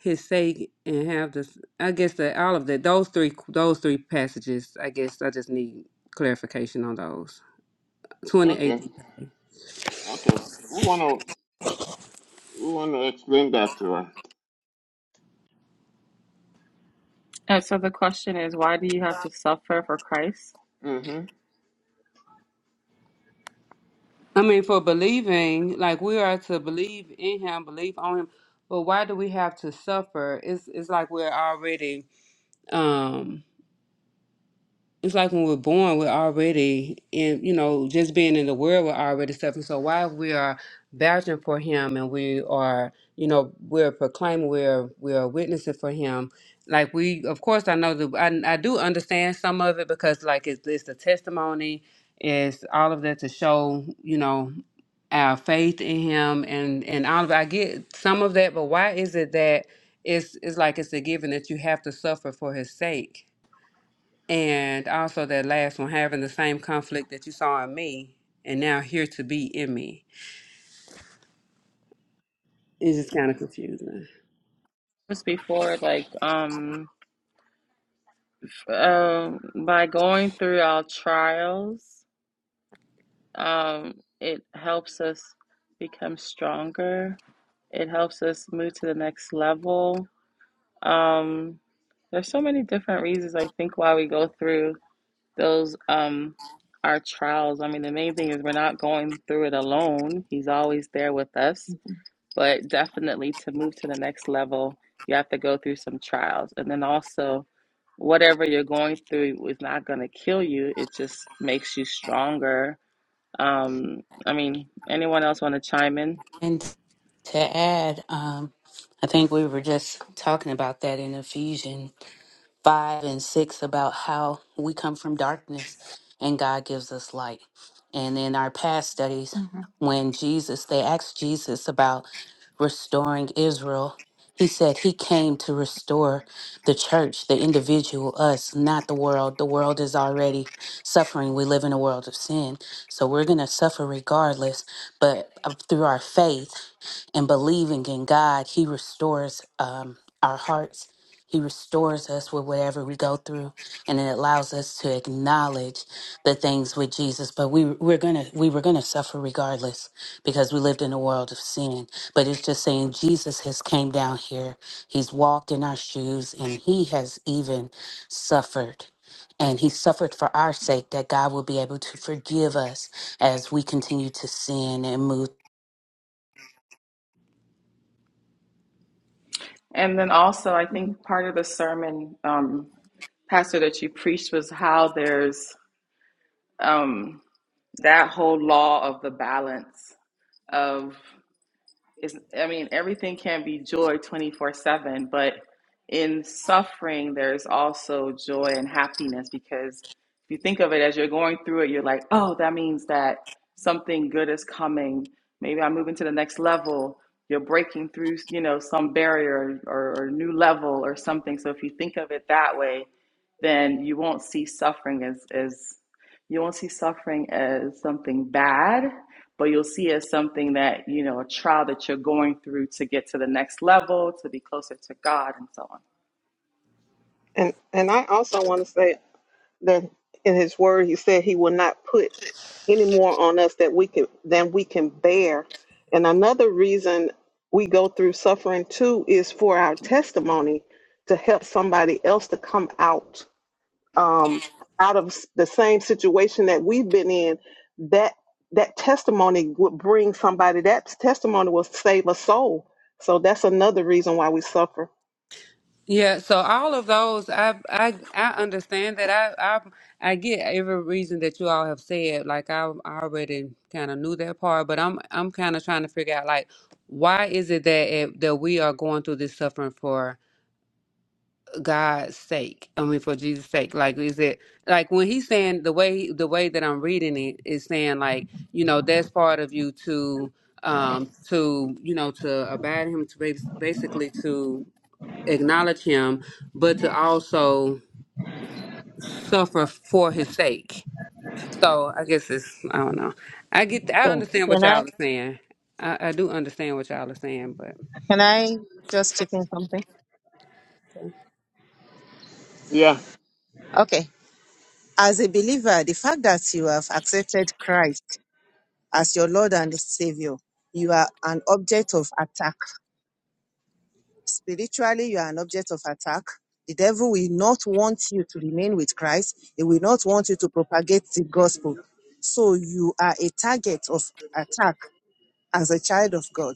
Speaker 8: his sake and have this i guess that all of that those three those three passages i guess i just need clarification on those 28
Speaker 2: okay, okay. We wanna we wanna explain that to her.
Speaker 3: And so the question is, why do you have to suffer for Christ?
Speaker 2: Mm-hmm.
Speaker 8: I mean, for believing, like we are to believe in Him, believe on Him. But why do we have to suffer? It's it's like we're already, um, it's like when we're born, we're already in, you know, just being in the world, we're already suffering. So why we are vouching for Him and we are, you know, we're proclaiming, we're we're witnessing for Him. Like we, of course, I know that I, I do understand some of it because like it's it's the testimony, is all of that to show, you know our faith in him and and all of I get some of that, but why is it that it's it's like it's a given that you have to suffer for his sake? And also that last one, having the same conflict that you saw in me and now here to be in me. It's just kind of confusing.
Speaker 3: Just before, like, um, um, by going through our trials, um, it helps us become stronger. It helps us move to the next level. Um, there's so many different reasons I think why we go through those um our trials. I mean, the main thing is we're not going through it alone. He's always there with us.
Speaker 1: huh.
Speaker 3: But definitely to move to the next level, you have to go through some trials. And then also, whatever you're going through is not going to kill you. It just makes you stronger. Um, I mean, anyone else want to chime in?
Speaker 10: And to add, um, I think we were just talking about that in Ephesians 5 and 6 about how we come from darkness and God gives us light. And in our past studies,
Speaker 1: Uh
Speaker 10: when Jesus, they asked Jesus about restoring Israel, he said he came to restore the church, the individual, us, not the world. The world is already suffering. We live in a world of sin. So we're going to suffer regardless. But uh, through our faith, and believing in God, He restores um, our hearts. He restores us with whatever we go through, and it allows us to acknowledge the things with Jesus. But we we're gonna we were gonna suffer regardless because we lived in a world of sin. But it's just saying Jesus has came down here. He's walked in our shoes, and He has even suffered. And he suffered for our sake that God will be able to forgive us as we continue to sin and move.
Speaker 3: And then also, I think part of the sermon, um, Pastor, that you preached was how there's um, that whole law of the balance of it's, I mean, everything can be joy 24 7, but in suffering, there's also
Speaker 1: huh.
Speaker 3: joy and happiness because if you think of it as you're going through it, you're like, oh, that means that something good is coming. Maybe I'm moving to the next level. You're breaking through, you know, some barrier or, or new level or something. So if you think of it that way, then you won't see suffering as, as you won't see suffering as something bad, but you'll see it as something that, you know, a trial that you're going through to get to the next level, to be closer to God, and so on.
Speaker 4: and and i also want to say that in his word he said he will not put any more on us that we can than we can bear and another reason we go through suffering too is for our testimony to help somebody else to come out um, out of s- the same situation that we've been in that that testimony would bring somebody that testimony will save a soul so that's another reason why we suffer
Speaker 8: Yeah, so all of those, I I I understand that. I I I get every reason that you all have said. Like I, I already kind of knew that part, but I'm I'm kind of trying to figure out like why is it that it, that we are going through this suffering for God's sake? I mean, for Jesus' sake. Like, is it like when he's saying the way the way that I'm reading it is saying like you know that's part of you to um to you know to abide in him to bas- basically to acknowledge him, but to also suffer for his sake. So I guess it's I don't know. I get I
Speaker 9: Yeah.
Speaker 8: understand what
Speaker 9: Can I
Speaker 8: y'all are saying. I, I do understand what y'all are saying, but
Speaker 9: can I just chip in something?
Speaker 2: Yeah.
Speaker 9: Okay. As a believer, the fact that you have accepted Christ as your Lord and Savior, you are an object of attack. Spiritually, you are an object of attack. The devil will not want you to remain with Christ. He will not want you to propagate the gospel. So you are a target of attack as a child of God.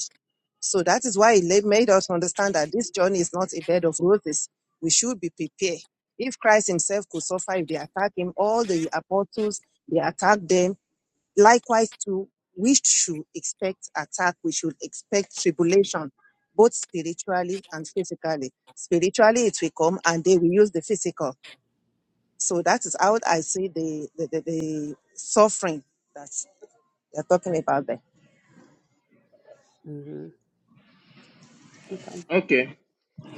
Speaker 9: So that is why it made us understand that this journey is not a bed of roses. We should be prepared. If Christ himself could suffer, if they attack him, all the apostles, they attack them. Likewise, too, we should expect attack. We should expect tribulation, both spiritually and physically. Spiritually, it will come and they will use the physical. So that is how I see the, the, the, the suffering that they're talking about there.
Speaker 8: hmm okay.
Speaker 2: Okay.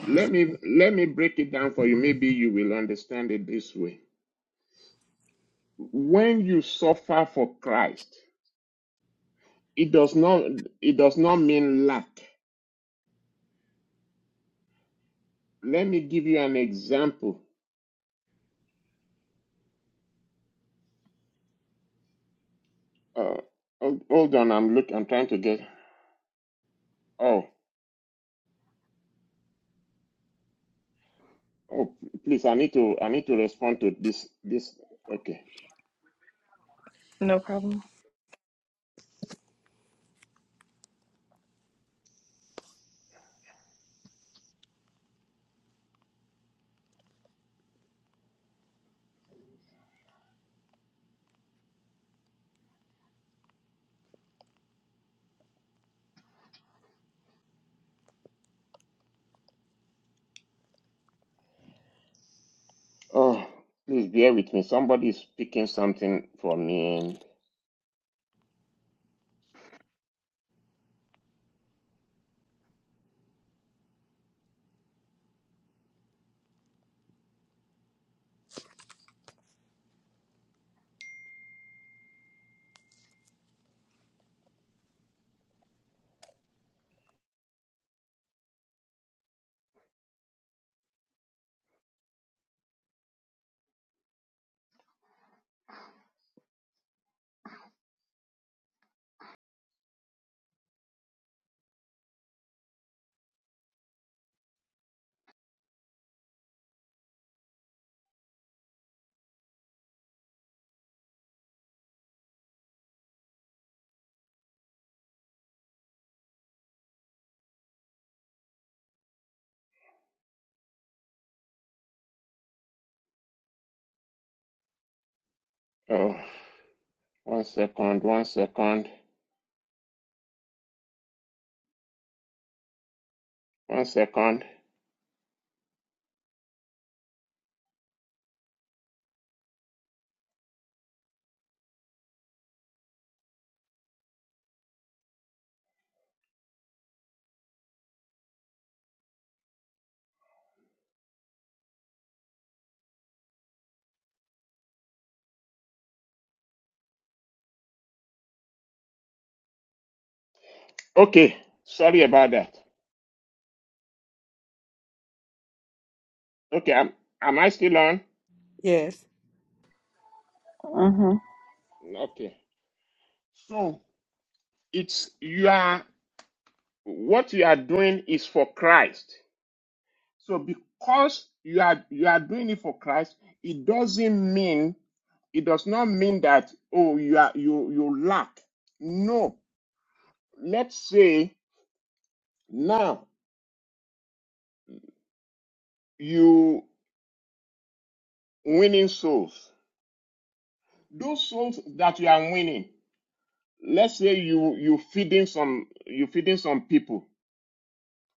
Speaker 2: let me let me break it down for you maybe you will understand it this way when you suffer for christ it does not it does not mean lack let me give you an example uh hold hold on i'm look i'm trying to get oh oh please i need to i need to respond to this this okay
Speaker 3: No problem.
Speaker 2: oh please bear with me somebody is picking something for me and oh one second one second one second okay sorry about that Okay, am, am I still on?
Speaker 8: Yes,
Speaker 2: Okay. So it's you are what you are doing is for Christ. So because you are you are doing it for Christ, it doesn't mean it does not mean that oh you are you you lack. No. Let's say now you winning souls. Those souls that you are winning, let's say you you feeding some you feeding some people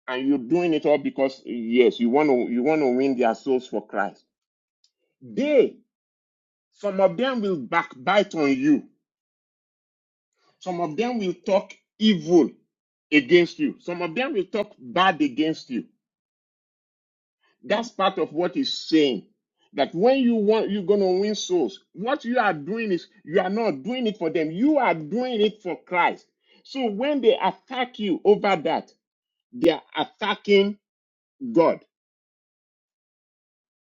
Speaker 2: and you're doing it all because yes, you want to you want to win their souls for Christ. They, some of them will backbite on you. Some of them will talk evil against you. Some of them will talk bad against you. That's part of what he's saying. That when you want you're gonna win souls, what you are doing is you are not doing it for them. You are doing it for Christ. So when they attack you over that, they are attacking God.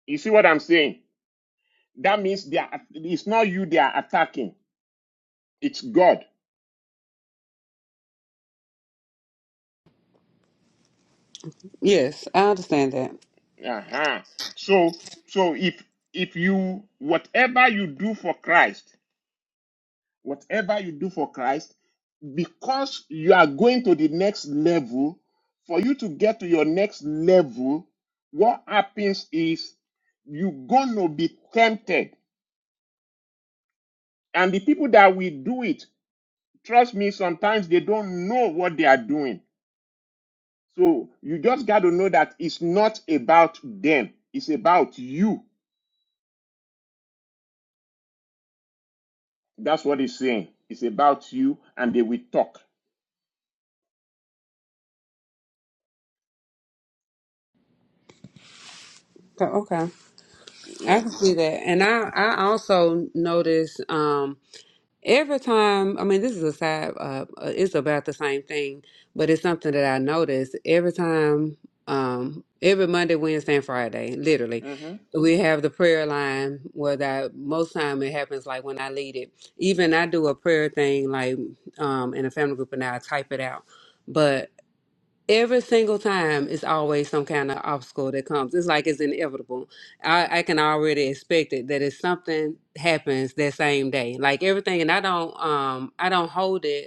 Speaker 2: You see what I'm saying? That means they are, it's not you they are attacking. It's God.
Speaker 8: yes, I understand that.
Speaker 2: Uh-huh. So so if if you whatever you do for Christ, whatever you do for Christ, because you are going to the next level, for you to get to your next level, what happens is you're gonna be tempted. And the people that will do it, trust me, sometimes they don't know what they are doing So you just got to know that it's not about them, it's about you. That's what he's saying. It's about you, and they will talk.
Speaker 8: Okay, okay. I
Speaker 2: Yeah.
Speaker 8: can see that, and I I also notice. Um, Every time, I mean, this is a side, uh, uh, it's about the same thing, but it's something that I notice every time, um, every Monday, Wednesday, and Friday, literally,
Speaker 2: Mm-hmm.
Speaker 8: we have the prayer line where that most time it happens like when I lead it. Even I do a prayer thing like um, in a family group and I type it out. Every single time, it's always some kind of obstacle that comes. It's like it's inevitable. I, I can already expect it that if something happens that same day, like everything, and I don't, um, I don't hold it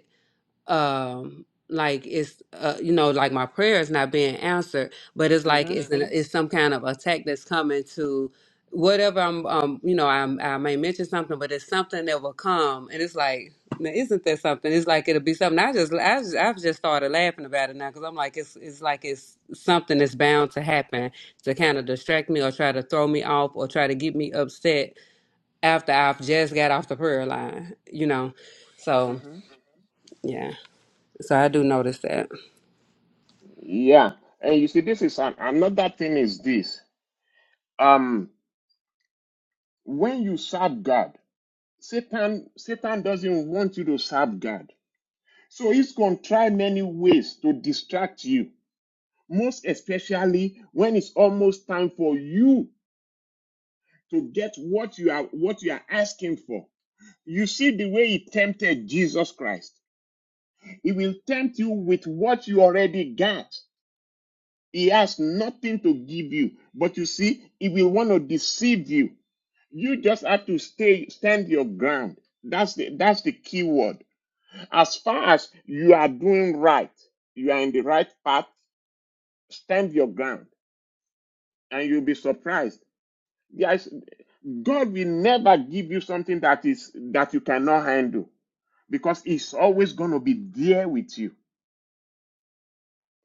Speaker 8: um like it's uh, you know like my prayer is not being answered but it's like
Speaker 2: Mm-hmm.
Speaker 8: it's an, Mhm. it's some kind of attack that's coming to whatever i'm um you know I'm, i may mention something but it's something that will come and it's like now, isn't that something it's like it'll be something i just i just, I've just started laughing about it now because i'm like it's it's like it's something that's bound to happen to kind of distract me or try to throw me off or try to get me upset after i've just got off the prayer line you know so
Speaker 2: Mm-hmm.
Speaker 8: yeah so I do notice that.
Speaker 2: Yeah. And you see, this is an, another thing is this. Um, when you serve God, Satan, Satan doesn't want you to serve God. So he's gonna try many ways to distract you, most especially when it's almost time for you to get what you are what you are asking for. You see the way he tempted Jesus Christ. He will tempt you with what you already got. He has nothing to give you, but you see, he will want to deceive you. You just have to stay, stand your ground. That's the, that's the key word. As far as you are doing right, you are in the right path, stand your ground, and you'll be surprised. Yes, God will never give you something that is that you cannot handle because He's always going to be there with you.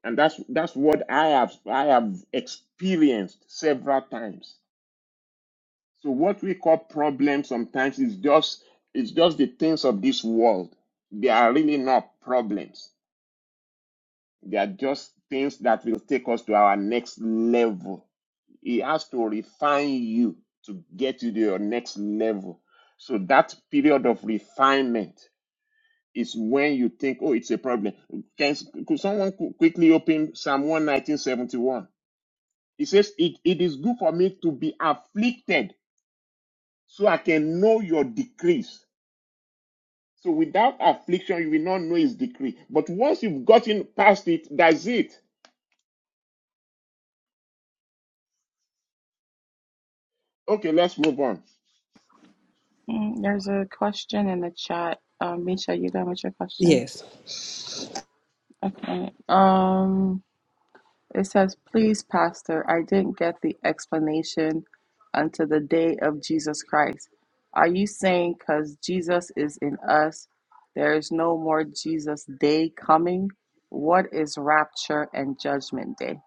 Speaker 2: and that's that's what I have I have experienced several times. So what we call problems sometimes is just it's just the things of this world. They are really not problems. They are just things that will take us to our next level. He has to refine you to get you to your next level. So that period of refinement is when you think, oh, it's a problem. Can, could someone qu- quickly open Psalm 119.71? He says, it, it is good for me to be afflicted so I can know your decrees. So without affliction, you will not know his decree. But once you've gotten past it, that's it. Okay, let's move on.
Speaker 3: Mm, There's a question in the chat. Um, Misha, you done with your question?
Speaker 8: Yes.
Speaker 3: Um, It says, Please, Pastor, I didn't get the explanation unto the day of Jesus Christ. Are you saying because Jesus is in us, there is no more Jesus day coming? What is rapture and judgment day?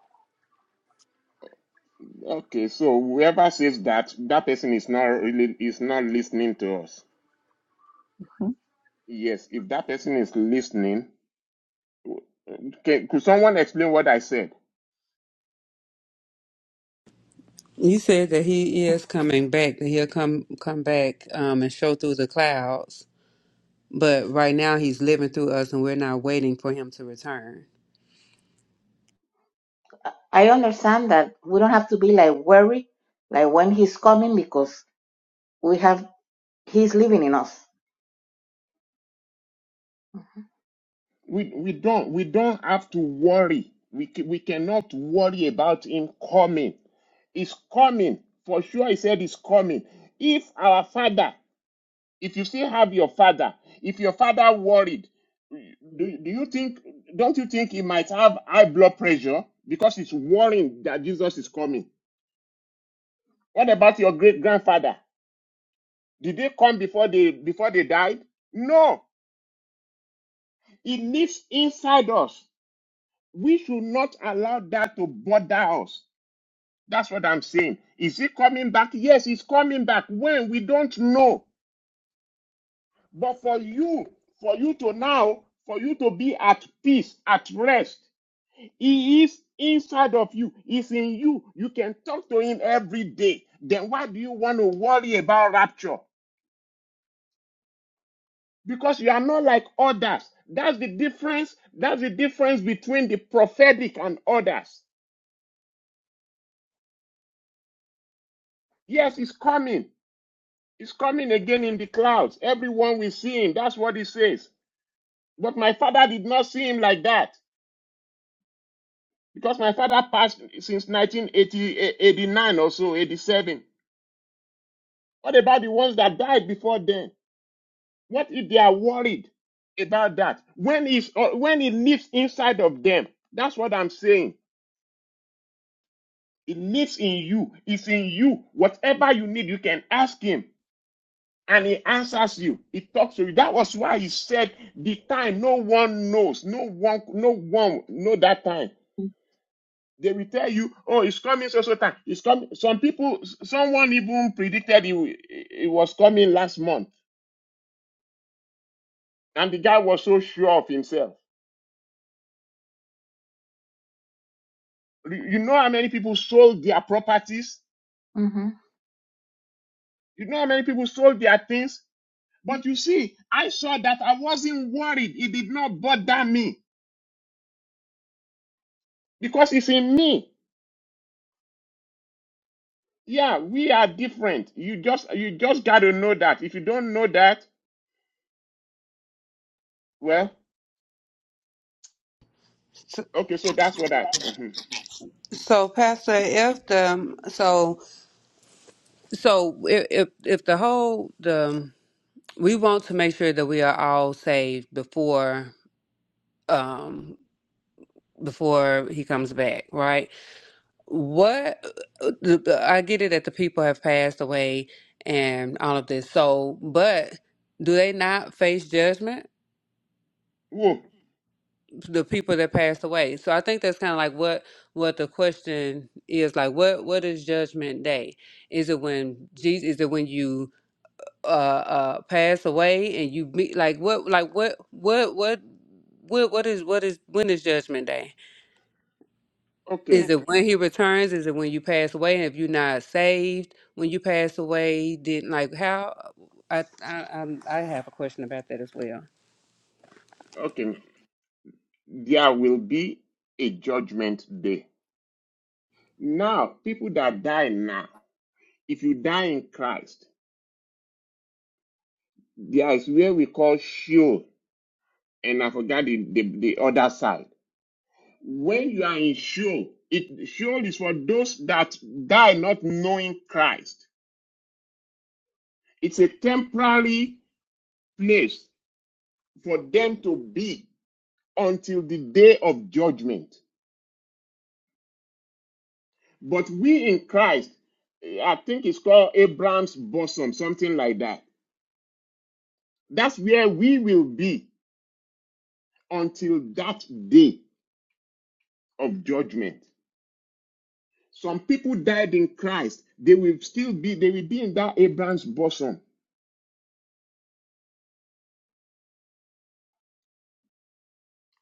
Speaker 2: Okay, so whoever says that, that person is not really is not listening to us.
Speaker 3: Hmm?
Speaker 2: Yes, if that person is listening, okay, could someone explain what I said?
Speaker 8: You said that he is coming back, that he'll come come back um, and show through the clouds. But right now he's living through us, and we're not waiting for him to return.
Speaker 1: I understand that we don't have to be like worried, like when he's coming, because we have he's living in us.
Speaker 2: We we don't we don't have to worry. We ca- we cannot worry about him coming It's coming. For sure, he said it's coming. If our father, if you still have your father, if your father worried, do, do you think, don't you think he might have high blood pressure because he's worrying that Jesus is coming? What about your great grandfather? Did they come before they before they died? No. It lives inside us. We should not allow that to bother us. That's what I'm saying. Is he coming back? Yes, he's coming back. When? We don't know. But for you, for you to now, for you to be at peace, at rest, He is inside of you, He's in you. You can talk to Him every day. Then why do you want to worry about rapture? Because you are not like others. That's the difference. That's the difference between the prophetic and others. Yes, it's coming. It's coming again in the clouds. Everyone will see him. That's what he says. But my father did not see him like that. Because my father passed since 1989 or so, 87. What about the ones that died before then? What if they are worried about that? When is or when it lives inside of them, that's what I'm saying. It lives in you. It's in you. Whatever you need, you can ask him, and he answers you. He talks to you. That was why he said the time no one knows. No one, no one know that time. They will tell you, oh, it's coming so so time. It's coming. Some people, someone even predicted it, wi- it was coming last month, and the guy was so sure of himself. You you know how many people sold their properties?
Speaker 1: Mm-hmm.
Speaker 2: You know how many people sold their things? But you see, I saw that I wasn't worried. It did not bother me because it's in me. Yeah, we are different. You just you just gotta know that. If you don't know that, well,
Speaker 8: So,
Speaker 2: okay, so that's what I. mhm.
Speaker 8: so Pastor, if the so so if if if the whole the we want to make sure that we are all saved before um before he comes back, right? What I get it that the people have passed away and all of this. So, but do they not face judgment?
Speaker 2: Whoa,
Speaker 8: The people that passed away. So I think that's kind of like what what the question is like. What what is judgment day? Is it when Jesus? Is it when you uh uh pass away and you meet like what like what what what what what is what is when is judgment day? Is
Speaker 2: okay.
Speaker 8: it when he returns? Is it when you pass away? And if you're not saved when you pass away, then like how? uh, I I I'm, I have a question about that as well.
Speaker 2: Okay, there will be a judgment day. Now, people that die now, if you die in Christ, there is where we call Sheol, and I forgot the, the, the other side. When you are in Sheol, it Sheol is for those that die not knowing Christ. It's a temporary place for them to be until the day of judgment. But we in Christ, eh, I think it's called Abraham's bosom, something like that That's where we will be until that day of judgment. Some people died in Christ. They will still be, they will be in that Abraham's bosom.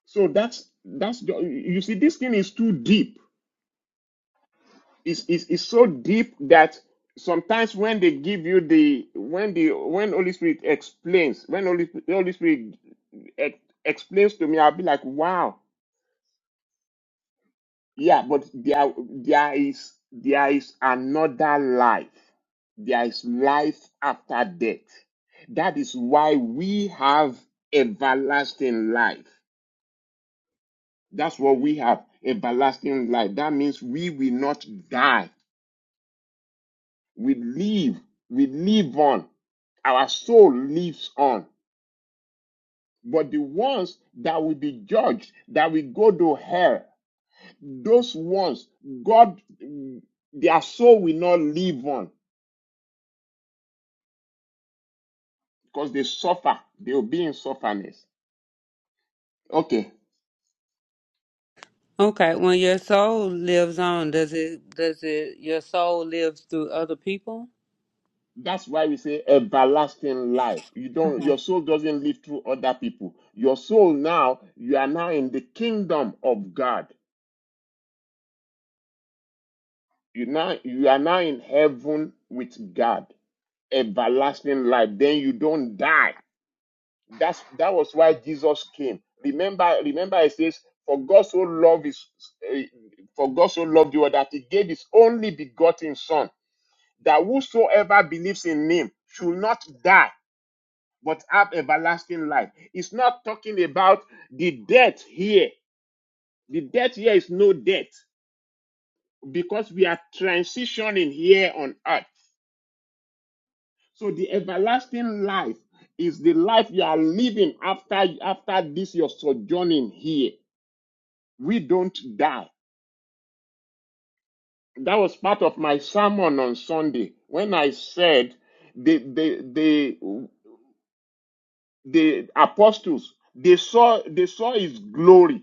Speaker 2: So that's that's you see, this thing is too deep. It's, it's, it's so deep that sometimes when they give you the when the when Holy Spirit explains, when Holy, Holy Spirit ex- explains to me, I'll be like, wow, Yeah, but there there is there is another life. There is life after death. That is why we have everlasting life. That's what we have, everlasting life. That means we will not die. We live, we live on. Our soul lives on. But the ones that will be judged, that will go to hell, those ones, God, their soul will not live on because they suffer. They will be in sufferness. Okay.
Speaker 8: Okay, when your soul lives on, does it does it your soul lives through other people?
Speaker 2: That's why we say everlasting life. You don't
Speaker 1: Mm-hmm.
Speaker 2: your soul doesn't live through other people. Your soul now, you are now in the kingdom of God. You now you are now in heaven with God. Everlasting life. Then you don't die. That's that was why Jesus came. Remember, remember it says, For God so loved his eh, for God so loved you that he gave his only begotten son that whosoever believes in him should not die, but have everlasting life. It's not talking about the death here. The death here is no death because we are transitioning here on earth. So the everlasting life is the life you are living after after this your sojourning here. We don't die. That was part of my sermon on Sunday when I said the the the the apostles they saw they saw his glory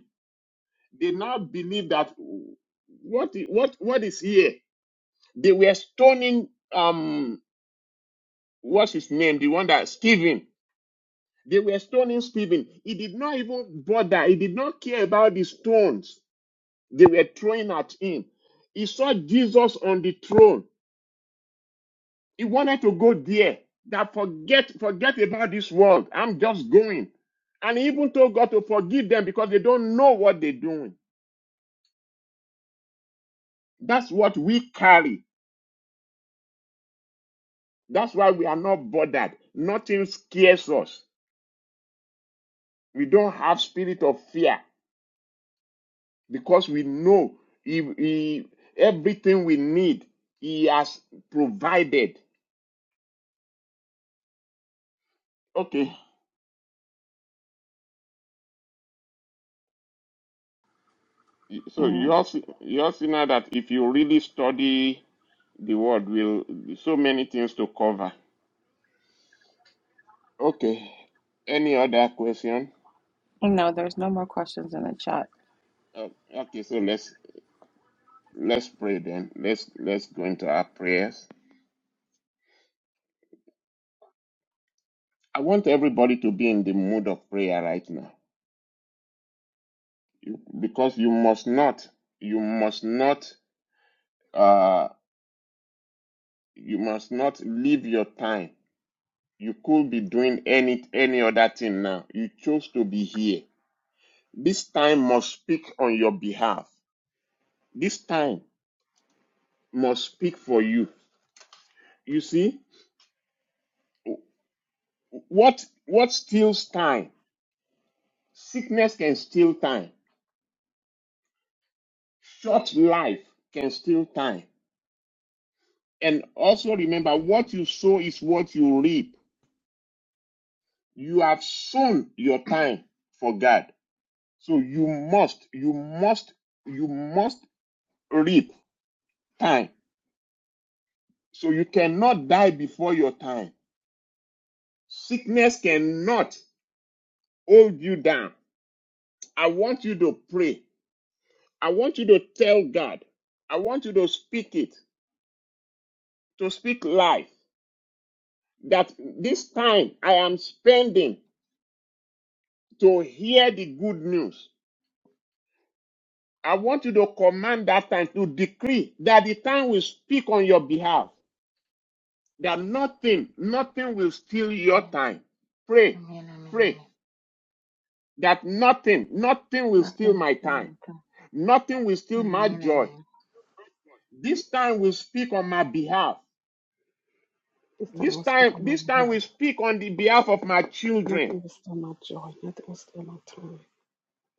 Speaker 2: they now believe that what what what is here they were stoning um what's his name the one that stephen they were stoning stephen he did not even bother he did not care about the stones they were throwing at him he saw jesus on the throne He wanted to go there. That forget, forget about this world. I'm just going. And he even told God to forgive them because they don't know what they're doing. That's what we carry. That's why we are not bothered. Nothing scares us. We don't have spirit of fear because we know he, he- everything we need, he has provided. Okay. So you
Speaker 3: Mm.
Speaker 2: all see, you all see now that if you really study the word, will so many things to cover. Okay. Any other question?
Speaker 3: No, there's no more questions in the chat.
Speaker 2: O- Okay, so let's let's pray then. Let's let's go into our prayers. I want everybody to be in the mood of prayer right now, you, because you must not you must not uh you must not leave your time. You could be doing any any other thing now. You chose to be here. This time must speak on your behalf. This time must speak for you. You see what what steals time Sickness can steal time. Short life can steal time. And also remember, what you sow is what you reap. You have sown your time for God. So you must, you must, you must reap time. So you cannot die before your time. Sickness cannot hold you down. I want you to pray. I want you to tell God. I want you to speak it, to speak life. that this time I am spending to hear the good news. I want you to command that time to decree that the time will speak on your behalf, that nothing, nothing will steal your
Speaker 1: Yes.
Speaker 2: time. Pray,
Speaker 1: Amen. Amen.
Speaker 2: pray
Speaker 1: Amen.
Speaker 2: that nothing, nothing will steal
Speaker 1: Nothing is
Speaker 2: my
Speaker 1: too
Speaker 2: time.
Speaker 1: much.
Speaker 2: Nothing will steal my
Speaker 1: Amen.
Speaker 2: joy.
Speaker 1: Amen.
Speaker 2: This time will speak on my behalf.
Speaker 4: This time I
Speaker 2: This
Speaker 4: will speak
Speaker 2: time,
Speaker 4: on my
Speaker 2: this time
Speaker 4: behalf.
Speaker 2: will speak on the behalf of my children,
Speaker 4: Nothing will steal my joy. Nothing will steal my time.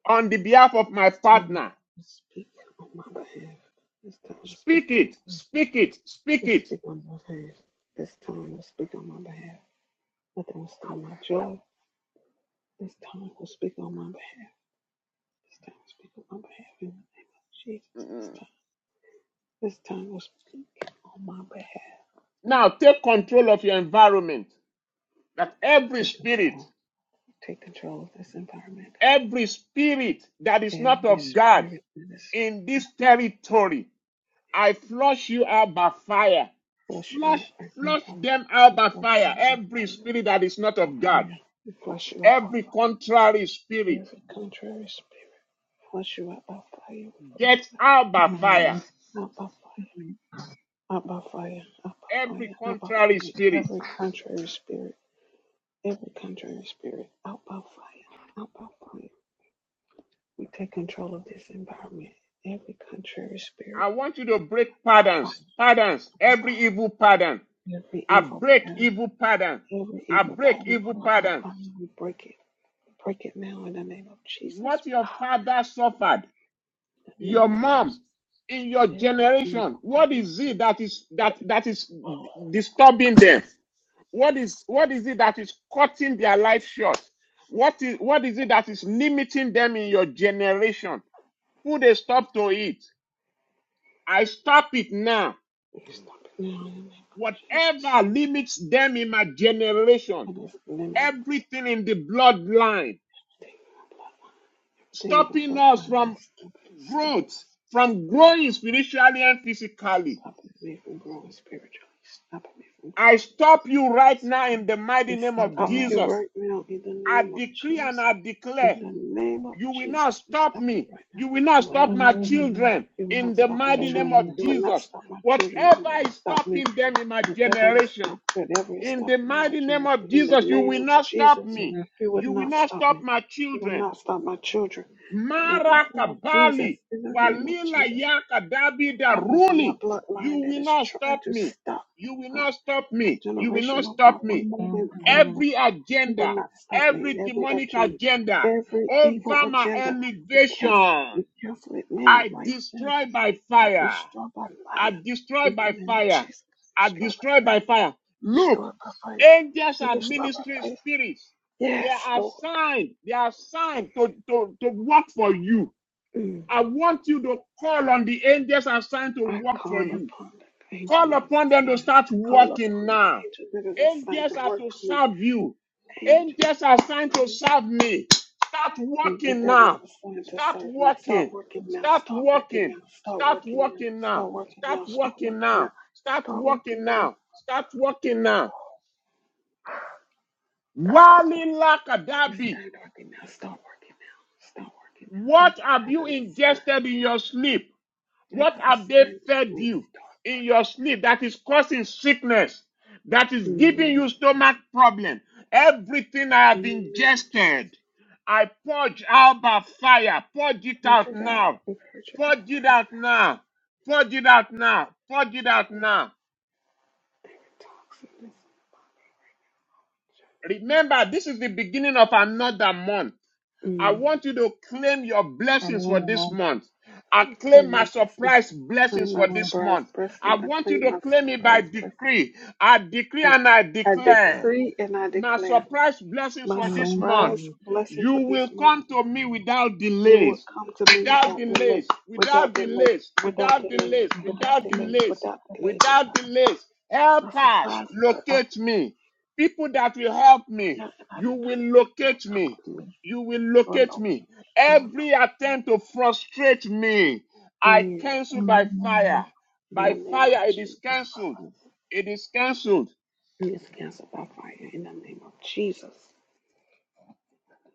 Speaker 2: on the behalf of my
Speaker 4: This time
Speaker 2: partner,
Speaker 4: I will speak on my behalf. This time I will speak
Speaker 2: Speak
Speaker 4: on my
Speaker 2: it,
Speaker 4: behalf.
Speaker 2: speak it, speak
Speaker 4: This
Speaker 2: it.
Speaker 4: speak on my behalf. This time I will speak on my behalf. Nothing will steal my joy. This time I will speak on my behalf. This time I will speak on my behalf in the name of Jesus. This
Speaker 2: Mm.
Speaker 4: time, this time I will speak on my behalf.
Speaker 2: Now take control of your environment. That every
Speaker 4: Take
Speaker 2: spirit,
Speaker 4: control. Take control of this environment.
Speaker 2: every spirit that is not
Speaker 4: Every
Speaker 2: of God
Speaker 4: spirit that is
Speaker 2: in this territory, I flush you out by fire.
Speaker 4: flush you out
Speaker 2: Flush,
Speaker 4: right now.
Speaker 2: flush them out
Speaker 4: I
Speaker 2: by
Speaker 4: flush you
Speaker 2: fire.
Speaker 4: out.
Speaker 2: Every
Speaker 4: right now.
Speaker 2: spirit that is not
Speaker 4: by
Speaker 2: of God,
Speaker 4: fire. We flush you out by
Speaker 2: every
Speaker 4: fire.
Speaker 2: contrary spirit,
Speaker 4: Every contrary spirit, flush you out by fire. We flush
Speaker 2: get
Speaker 4: you
Speaker 2: out by
Speaker 4: out
Speaker 1: Amen.
Speaker 2: fire.
Speaker 1: Amen.
Speaker 4: by fire. Out by fire.
Speaker 1: Amen.
Speaker 4: Out by fire. Out by fire.
Speaker 2: Every
Speaker 4: Out by
Speaker 2: contrary
Speaker 4: fire.
Speaker 2: spirit.
Speaker 4: Every contrary spirit, every contrary spirit, out by fire. Out by fire. We take control of this environment. Every contrary spirit,
Speaker 2: I want you to break
Speaker 4: by
Speaker 2: patterns, patterns, every evil pattern
Speaker 4: fire. Every
Speaker 2: I
Speaker 4: evil
Speaker 2: break
Speaker 4: pattern,
Speaker 2: evil patterns.
Speaker 4: every
Speaker 2: I
Speaker 4: evil
Speaker 2: break
Speaker 4: pattern
Speaker 2: evil
Speaker 4: on my
Speaker 2: patterns.
Speaker 4: bloodline, we break it. We break it now in the name of Jesus. We
Speaker 2: What your
Speaker 4: break
Speaker 2: father suffered,
Speaker 4: it in the name
Speaker 2: your
Speaker 4: of Jesus.
Speaker 2: mom, in your
Speaker 4: Every
Speaker 2: generation,
Speaker 4: evil pattern.
Speaker 2: what is it that is that that is disturbing them? What is what is it that is cutting their life short? What is what is it that is limiting them in your generation? Put a stop to it. I stop it now.
Speaker 4: You stop it now in the name of Jesus.
Speaker 2: Whatever limits them in my generation,
Speaker 4: I just limit
Speaker 2: everything in the bloodline.
Speaker 4: anything in my bloodline. Anything in my
Speaker 2: stopping us
Speaker 4: bloodline
Speaker 2: from
Speaker 4: is stopping, stopping
Speaker 2: growth,
Speaker 4: us.
Speaker 2: from
Speaker 4: from-
Speaker 2: growing spiritually and physically.
Speaker 4: Stopping me from growing spiritually. Stopping me from
Speaker 2: I
Speaker 4: growing
Speaker 2: stop you right now in
Speaker 4: physically.
Speaker 2: the mighty
Speaker 4: We
Speaker 2: name of
Speaker 4: stop you
Speaker 1: Amen.
Speaker 2: Jesus.
Speaker 4: right now in the
Speaker 2: I
Speaker 4: name of
Speaker 2: decree and
Speaker 4: Jesus.
Speaker 2: I
Speaker 4: In
Speaker 2: declare,
Speaker 4: the name of
Speaker 2: you will not
Speaker 4: Jesus, we
Speaker 2: stop
Speaker 4: stop you
Speaker 2: me.
Speaker 4: right now.
Speaker 2: You will not
Speaker 4: You will
Speaker 1: Amen. Amen.
Speaker 2: stop
Speaker 4: not
Speaker 2: my
Speaker 4: stop me.
Speaker 1: Amen.
Speaker 2: children
Speaker 4: You will
Speaker 2: in
Speaker 4: not
Speaker 2: the
Speaker 4: stop
Speaker 1: Amen. Amen.
Speaker 4: my
Speaker 2: mighty
Speaker 1: Amen. Amen. Amen. Amen. Amen. Amen. Amen. Amen. Amen. Amen. Amen. Amen. Amen.
Speaker 2: name
Speaker 4: children.
Speaker 2: of
Speaker 4: You will not
Speaker 2: Jesus.
Speaker 4: stop my children. You
Speaker 2: Whatever
Speaker 4: will not
Speaker 2: is
Speaker 4: stop
Speaker 2: stopping
Speaker 4: me.
Speaker 2: them in my
Speaker 4: Whatever is
Speaker 2: generation,
Speaker 4: stop, whatever is
Speaker 2: in the
Speaker 4: stopping in my
Speaker 2: mighty name
Speaker 4: generation,
Speaker 2: of
Speaker 4: in the
Speaker 2: Jesus, you
Speaker 4: name
Speaker 2: will
Speaker 4: of
Speaker 2: not stop
Speaker 4: Jesus,
Speaker 2: me.
Speaker 4: you would
Speaker 2: You will
Speaker 4: not
Speaker 2: not
Speaker 4: stop
Speaker 2: stop
Speaker 4: me.
Speaker 2: my
Speaker 4: You would
Speaker 2: children.
Speaker 4: not stop my children. In the
Speaker 2: Mara
Speaker 4: name of Jesus,
Speaker 2: Kabali,
Speaker 4: in the name of
Speaker 2: Walila
Speaker 4: Jesus,
Speaker 2: Yaka Dabida
Speaker 4: whatever is on my
Speaker 2: Ruli. You
Speaker 4: bloodline that
Speaker 2: will
Speaker 4: is
Speaker 2: not
Speaker 4: trying
Speaker 2: stop
Speaker 4: to
Speaker 2: me.
Speaker 4: stop
Speaker 2: You will
Speaker 4: my,
Speaker 2: not stop
Speaker 4: my
Speaker 2: me. You will
Speaker 4: generation,
Speaker 2: not
Speaker 4: oh God,
Speaker 2: stop
Speaker 4: from
Speaker 2: me.
Speaker 4: moving forth, oh
Speaker 2: Every
Speaker 4: God, you would
Speaker 2: agenda,
Speaker 4: not stop me.
Speaker 2: every
Speaker 4: Every
Speaker 2: demonic
Speaker 4: agenda,
Speaker 2: agenda
Speaker 4: every evil
Speaker 2: over my
Speaker 4: agenda, we cancel, we
Speaker 2: elevation,
Speaker 4: cancel it now,
Speaker 2: I
Speaker 4: right now.
Speaker 2: destroy by
Speaker 4: But
Speaker 2: fire.
Speaker 4: destroy by
Speaker 2: I
Speaker 4: fire.
Speaker 2: destroy
Speaker 4: In the
Speaker 2: by
Speaker 4: name of
Speaker 2: fire.
Speaker 4: Jesus,
Speaker 2: I
Speaker 4: destroy by
Speaker 2: destroy by fire. Look,
Speaker 4: destroy by fire
Speaker 2: angels are
Speaker 4: We'll stop our
Speaker 2: ministering
Speaker 4: faith.
Speaker 2: spirits. They
Speaker 4: Yes,
Speaker 2: are
Speaker 4: Lord.
Speaker 2: assigned. They are assigned to, to, to work for you.
Speaker 4: Mm.
Speaker 2: I want you to call on the angels assigned to
Speaker 4: I
Speaker 2: work for
Speaker 4: call
Speaker 2: you.
Speaker 4: upon the angel
Speaker 2: Call
Speaker 4: that is
Speaker 2: upon them to
Speaker 4: assigned.
Speaker 2: start
Speaker 4: I call
Speaker 2: working
Speaker 4: upon the
Speaker 2: now.
Speaker 4: angel that is assigned
Speaker 2: Angels
Speaker 4: to
Speaker 2: are
Speaker 4: work
Speaker 2: to
Speaker 4: for me.
Speaker 2: serve you.
Speaker 4: Angel,
Speaker 2: Angels are assigned to
Speaker 4: angel
Speaker 2: serve me. Start
Speaker 4: angel that
Speaker 2: working
Speaker 4: that is
Speaker 2: now.
Speaker 4: assigned to
Speaker 2: Start
Speaker 4: serve me.
Speaker 2: working.
Speaker 4: Start working now.
Speaker 2: Start
Speaker 4: Start working
Speaker 2: working.
Speaker 4: now. Start
Speaker 2: Start
Speaker 4: working now.
Speaker 2: working now.
Speaker 4: Start working
Speaker 2: Start
Speaker 4: now. Start
Speaker 2: working
Speaker 4: working
Speaker 2: now.
Speaker 4: now.
Speaker 2: Start
Speaker 4: Start
Speaker 2: working
Speaker 4: working now.
Speaker 2: now. Start working now. Wali Lakadabi,
Speaker 4: Start working now. Start working now. Start working now.
Speaker 2: what
Speaker 4: Angels
Speaker 2: have
Speaker 4: that
Speaker 2: you
Speaker 4: are assigned,
Speaker 2: ingested in your sleep?
Speaker 4: that
Speaker 2: What
Speaker 4: are
Speaker 2: have they
Speaker 4: assigned to
Speaker 2: fed
Speaker 4: me.
Speaker 2: you
Speaker 4: Start
Speaker 2: in your sleep that is causing sickness, that
Speaker 4: working.
Speaker 2: is giving
Speaker 4: Mm.
Speaker 2: you stomach problem? Everything I
Speaker 4: In
Speaker 2: have
Speaker 4: the name of Jesus.
Speaker 2: ingested, I purge out by fire. Purge it
Speaker 4: Purge
Speaker 2: out
Speaker 4: it out.
Speaker 2: now.
Speaker 4: Purge it
Speaker 2: Purge
Speaker 4: out.
Speaker 2: it
Speaker 4: Purge it out.
Speaker 2: out now. Purge it out now. Purge it out now. Remember, this is the beginning of another month. I
Speaker 4: Mm.
Speaker 2: want you to claim your blessings for this month. I
Speaker 4: I
Speaker 2: claim
Speaker 4: claim my
Speaker 2: my
Speaker 4: blessing.
Speaker 2: surprise blessings
Speaker 4: Claim
Speaker 2: for
Speaker 4: my
Speaker 2: this
Speaker 4: surprise
Speaker 2: month. I
Speaker 4: blessing. I
Speaker 2: want you
Speaker 4: claim
Speaker 2: to
Speaker 4: my
Speaker 2: claim it by
Speaker 4: surprise blessing.
Speaker 2: decree. I decree and I
Speaker 4: I, I
Speaker 2: declare
Speaker 4: decree and I
Speaker 2: my
Speaker 4: declare
Speaker 2: surprise blessings
Speaker 4: my
Speaker 2: for this month.
Speaker 4: surprise blessing
Speaker 2: You
Speaker 4: for
Speaker 2: will
Speaker 4: this month.
Speaker 2: come to me without
Speaker 4: You will
Speaker 2: delays,
Speaker 4: come to me
Speaker 2: without
Speaker 4: without
Speaker 2: delays,
Speaker 4: delay,
Speaker 2: without
Speaker 4: without delay,
Speaker 2: delays,
Speaker 4: without
Speaker 2: without
Speaker 4: delay,
Speaker 2: delays,
Speaker 4: without
Speaker 2: without
Speaker 4: delay,
Speaker 2: delays,
Speaker 4: without delay, delay.
Speaker 2: without delays. Help
Speaker 4: My
Speaker 2: us
Speaker 4: surprise, but I
Speaker 2: locate me. People that will help me,
Speaker 4: declare and I
Speaker 2: you will
Speaker 4: decree you will
Speaker 2: locate
Speaker 4: come
Speaker 2: me.
Speaker 4: to me.
Speaker 2: You will
Speaker 4: You will
Speaker 2: locate
Speaker 4: locate
Speaker 2: me.
Speaker 4: me. You will
Speaker 2: Every
Speaker 4: locate
Speaker 2: attempt to frustrate me,
Speaker 4: me.
Speaker 2: I
Speaker 4: Mm.
Speaker 2: cancel by fire.
Speaker 4: In the
Speaker 2: By
Speaker 4: name of
Speaker 2: fire, it is
Speaker 4: Jesus,
Speaker 2: canceled.
Speaker 4: Father.
Speaker 2: It is canceled.
Speaker 4: And it's canceled by fire in the name of Jesus.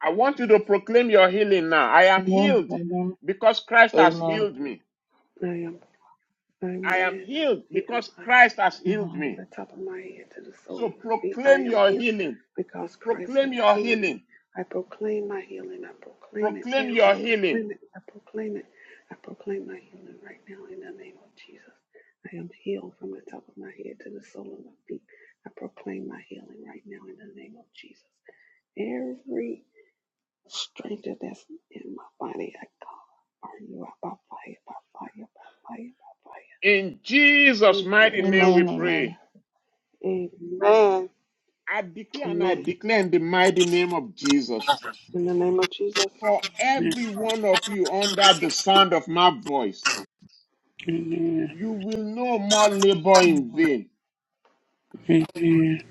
Speaker 2: I want you to
Speaker 4: Jesus.
Speaker 2: proclaim your healing now. I am healed because Christ has healed me.
Speaker 4: I am, I am
Speaker 2: I am
Speaker 4: man, I am
Speaker 2: healed
Speaker 4: healed,
Speaker 2: because
Speaker 4: I am
Speaker 2: Christ
Speaker 4: healed.
Speaker 2: has healed
Speaker 4: From
Speaker 2: me.
Speaker 4: the top of my head to the sole
Speaker 2: So
Speaker 4: of my feet, I
Speaker 2: proclaim
Speaker 4: am
Speaker 2: your
Speaker 4: healed
Speaker 2: healing.
Speaker 4: because Christ
Speaker 2: Proclaim
Speaker 4: hath
Speaker 2: your
Speaker 4: healed
Speaker 2: healing.
Speaker 4: me. I proclaim my healing. I proclaim it
Speaker 2: Proclaim
Speaker 4: now.
Speaker 2: your
Speaker 4: I
Speaker 2: healing.
Speaker 4: proclaim it. I proclaim it. I proclaim my healing right now in the name of Jesus. I am healed from the top of my head to the sole of my feet. I proclaim my healing right now in the name of Jesus. Every Stranger that's in my body, I call. Are you out by fire, by fire, by fire, by fire?
Speaker 2: In Jesus'
Speaker 4: Influence
Speaker 2: mighty name
Speaker 4: by
Speaker 2: we pray.
Speaker 4: the name of- Amen.
Speaker 2: I decree and I
Speaker 4: Amen.
Speaker 2: declare in the mighty name of Jesus
Speaker 4: In the name of Jesus.
Speaker 2: for every one of you under the sound of my voice,
Speaker 8: Amen.
Speaker 2: you will no more
Speaker 1: Amen.
Speaker 2: labor in
Speaker 1: Amen.
Speaker 2: vain.
Speaker 8: Amen.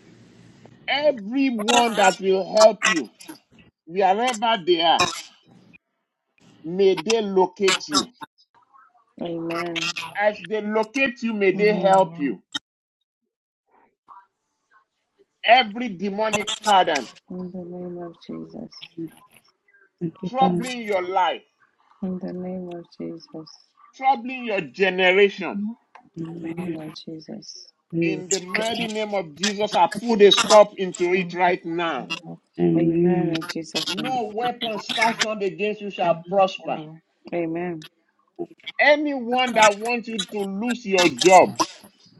Speaker 2: Everyone that will help you, wherever they are, May they locate you.
Speaker 3: Amen.
Speaker 2: As they locate you, may they
Speaker 1: Amen.
Speaker 2: help you. Every demonic pattern
Speaker 3: In the name of Jesus.
Speaker 8: Thank you,
Speaker 2: troubling your life,
Speaker 3: In the name of Jesus.
Speaker 2: troubling your generation,
Speaker 3: In the name of Jesus.
Speaker 8: Father.
Speaker 2: in the mighty name of Jesus, I put a stop into it
Speaker 1: Amen.
Speaker 2: right now.
Speaker 1: Amen.
Speaker 3: Amen.
Speaker 8: Amen.
Speaker 3: In Jesus' name.
Speaker 2: No weapons fashioned against you
Speaker 1: Amen.
Speaker 2: shall prosper.
Speaker 1: Amen.
Speaker 3: Amen.
Speaker 2: Anyone that wants you to lose your job,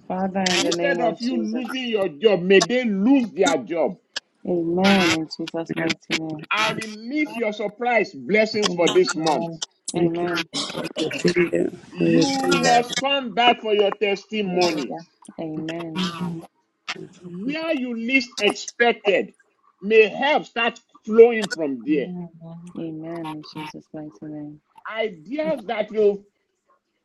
Speaker 3: Father, in the name
Speaker 2: instead
Speaker 3: of
Speaker 2: of you losing
Speaker 3: Jesus.
Speaker 2: your job, may they lose their job.
Speaker 3: Amen. In Jesus' mighty name.
Speaker 2: I release your surprise blessings for
Speaker 1: Amen.
Speaker 2: this month.
Speaker 1: Amen.
Speaker 8: Thank you.
Speaker 3: Amen.
Speaker 8: We receive it. We
Speaker 2: You
Speaker 8: receive it.
Speaker 2: must come back for your testimony.
Speaker 1: Hallelujah.
Speaker 3: Amen.
Speaker 2: Where you least expected may help start flowing from there.
Speaker 1: Amen. Amen.
Speaker 3: Amen. In Jesus' mighty name.
Speaker 2: Ideas that will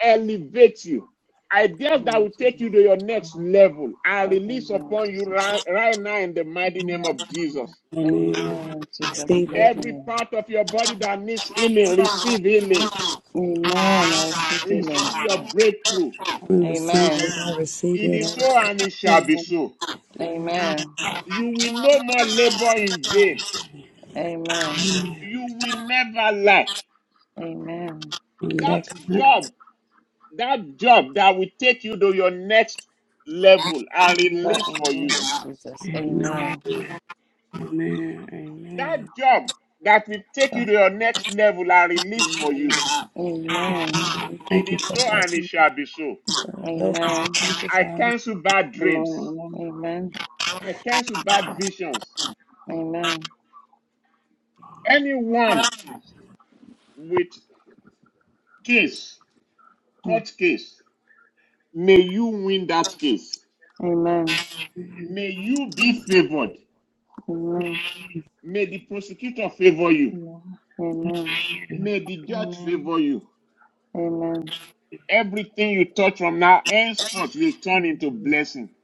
Speaker 2: elevate you, ideas that
Speaker 3: Amen.
Speaker 2: will take
Speaker 3: Jesus.
Speaker 2: you to your next
Speaker 1: Amen.
Speaker 2: level I
Speaker 3: Father, in
Speaker 2: release
Speaker 3: the name of
Speaker 2: upon you
Speaker 3: Jesus.
Speaker 2: right, right now in the mighty name
Speaker 1: Amen.
Speaker 2: of Jesus.
Speaker 8: Amen.
Speaker 3: Amen. In Jesus'
Speaker 8: Receive
Speaker 3: mighty
Speaker 8: it.
Speaker 2: Every
Speaker 3: name.
Speaker 2: part of your body that needs healing, receive healing.
Speaker 3: Amen. I receive healing.
Speaker 2: Receive your breakthrough.
Speaker 8: We
Speaker 1: Amen.
Speaker 8: receive it.
Speaker 3: Amen.
Speaker 8: I receive it.
Speaker 2: It
Speaker 8: I
Speaker 2: is
Speaker 8: receive
Speaker 2: so
Speaker 8: it.
Speaker 2: and it shall be
Speaker 1: Amen.
Speaker 2: so.
Speaker 8: Amen.
Speaker 3: Amen.
Speaker 2: You will no more labor in vain.
Speaker 3: Amen.
Speaker 2: you will never lack
Speaker 3: Amen.
Speaker 8: On that
Speaker 2: that
Speaker 8: count.
Speaker 2: job that job that will take you to your next level and
Speaker 3: Father,
Speaker 2: release
Speaker 1: Amen. Amen.
Speaker 2: for
Speaker 1: Amen.
Speaker 3: in
Speaker 1: Amen.
Speaker 2: you
Speaker 3: the name of Jesus.
Speaker 8: Amen.
Speaker 3: Amen.
Speaker 8: Amen. Amen.
Speaker 2: that job that will take you
Speaker 8: Father,
Speaker 2: to your next level and release for you
Speaker 1: Amen.
Speaker 3: Amen.
Speaker 8: we
Speaker 2: it
Speaker 8: Thank you
Speaker 2: is
Speaker 8: for
Speaker 2: so and
Speaker 8: that.
Speaker 2: it shall be so
Speaker 8: uh, Blessings. We
Speaker 3: Amen.
Speaker 8: Thank you,
Speaker 2: i
Speaker 8: Father.
Speaker 2: cancel bad
Speaker 1: Amen. Amen.
Speaker 2: dreams
Speaker 1: Amen.
Speaker 3: Amen.
Speaker 2: i cancel bad visions
Speaker 3: Amen.
Speaker 2: anyone with case
Speaker 3: Mm.
Speaker 2: court case may you win that case
Speaker 3: Amen.
Speaker 2: may you be favored
Speaker 3: Amen.
Speaker 2: may the prosecutor favor you
Speaker 3: Amen.
Speaker 2: May the judge favor you.
Speaker 3: Amen.
Speaker 2: Everything you touch from now henceforth will
Speaker 1: Amen.
Speaker 2: turn into blessing.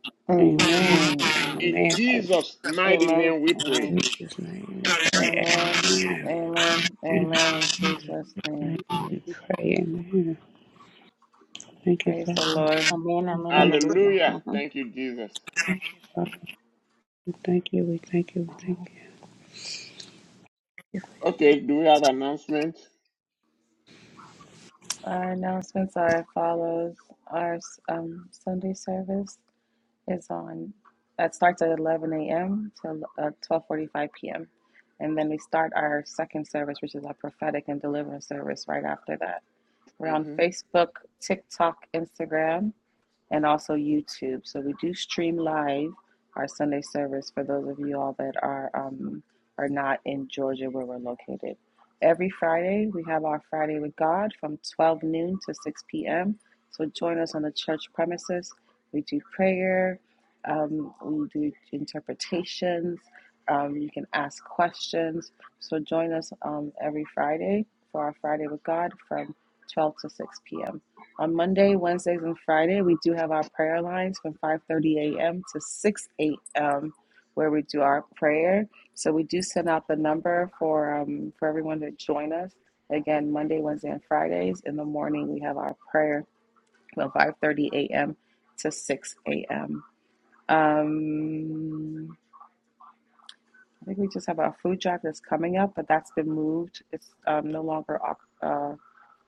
Speaker 8: Amen.
Speaker 3: Amen.
Speaker 2: In
Speaker 8: Amen.
Speaker 2: Jesus' mighty
Speaker 1: Amen.
Speaker 2: name we
Speaker 1: Amen.
Speaker 2: pray.
Speaker 8: In Jesus' name we pray.
Speaker 3: Amen.
Speaker 8: Amen.
Speaker 3: Amen.
Speaker 8: In Jesus'
Speaker 3: Amen. In Jesus'
Speaker 8: name
Speaker 3: name.
Speaker 8: we pray. Amen. Thank you,
Speaker 3: Praise the
Speaker 8: Father.
Speaker 3: Lord.
Speaker 8: We
Speaker 1: Amen.
Speaker 8: Thank you.
Speaker 1: Hallelujah.
Speaker 2: Hallelujah.
Speaker 1: Mhm.
Speaker 2: Thank you, Jesus.
Speaker 8: Thank you, Father. We thank you. We thank you. We
Speaker 1: Amen.
Speaker 8: thank you.
Speaker 2: Okay, do we have announcement?
Speaker 3: Our announcements are as follows. Our um, Sunday service is on. That starts at 11 a.m. till uh, 12:45 p.m. And then we start our second service, which is our prophetic and deliverance service, right after that. We're on
Speaker 2: Mm-hmm.
Speaker 3: Facebook, TikTok, Instagram. and also YouTube. So we do stream live our Sunday service for those of you all that are um, are not in Georgia where we're located. Every Friday we have our Friday with God from 12 noon to 6 p.m. So join us on the church premises. We do prayer, um, we do interpretations. Um, you can ask questions. So join us um, every Friday for our Friday with God from 12 to 6 p.m. On Monday, Wednesdays, and Friday, we do have our prayer lines from 5:30 a.m. to 6 a.m. where we do our prayer. So we do send out the number for um, for everyone to join us. Again, Monday, Wednesday, and Fridays in the morning we have our prayer from 5:30 a.m. to 6 a.m. Um, I think we just have our food drive that's coming up, but that's been moved. It's um, no longer Oc- uh,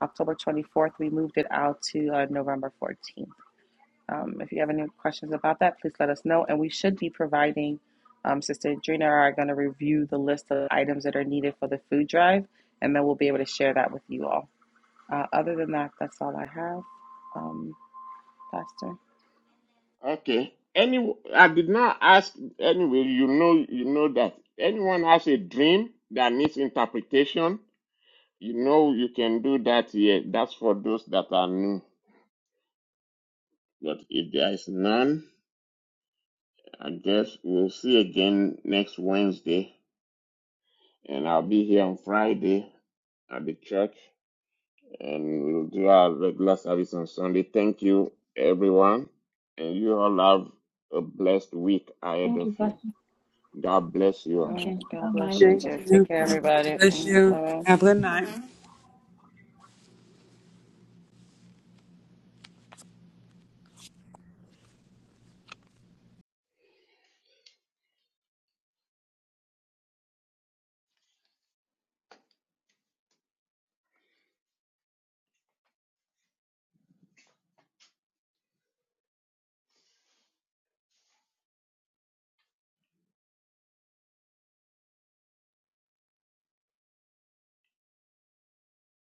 Speaker 3: October 24th. We moved it out to uh, November 14th. Um, if you have any questions about that, please let us know. And we should be providing, um, Sister Adrena are going to review the list of items that are needed for the food drive, and then we'll be able to share that with you all. Uh, other than that, that's all I have, um, Pastor.
Speaker 2: Okay. Any, I did not ask anyway. You know, you know that anyone has a dream that needs interpretation. You know, you can do that here. That's for those that are new. But if there is none, I guess we'll see again next Wednesday, and I'll be here on Friday at the church, and we'll do our regular service on Sunday. Thank you, everyone, and you all have a blessed week ahead
Speaker 1: Thank
Speaker 2: of
Speaker 1: you,
Speaker 2: you.
Speaker 1: Pastor.
Speaker 2: God bless you. all.
Speaker 3: Mm,
Speaker 1: Okay. Bye
Speaker 3: God
Speaker 1: bye.
Speaker 3: bless you
Speaker 1: Lord.
Speaker 8: Thank
Speaker 3: too. Take
Speaker 8: you.
Speaker 3: care, everybody.
Speaker 8: Bless
Speaker 3: Mm,
Speaker 8: you.
Speaker 3: love.
Speaker 8: Have a good night.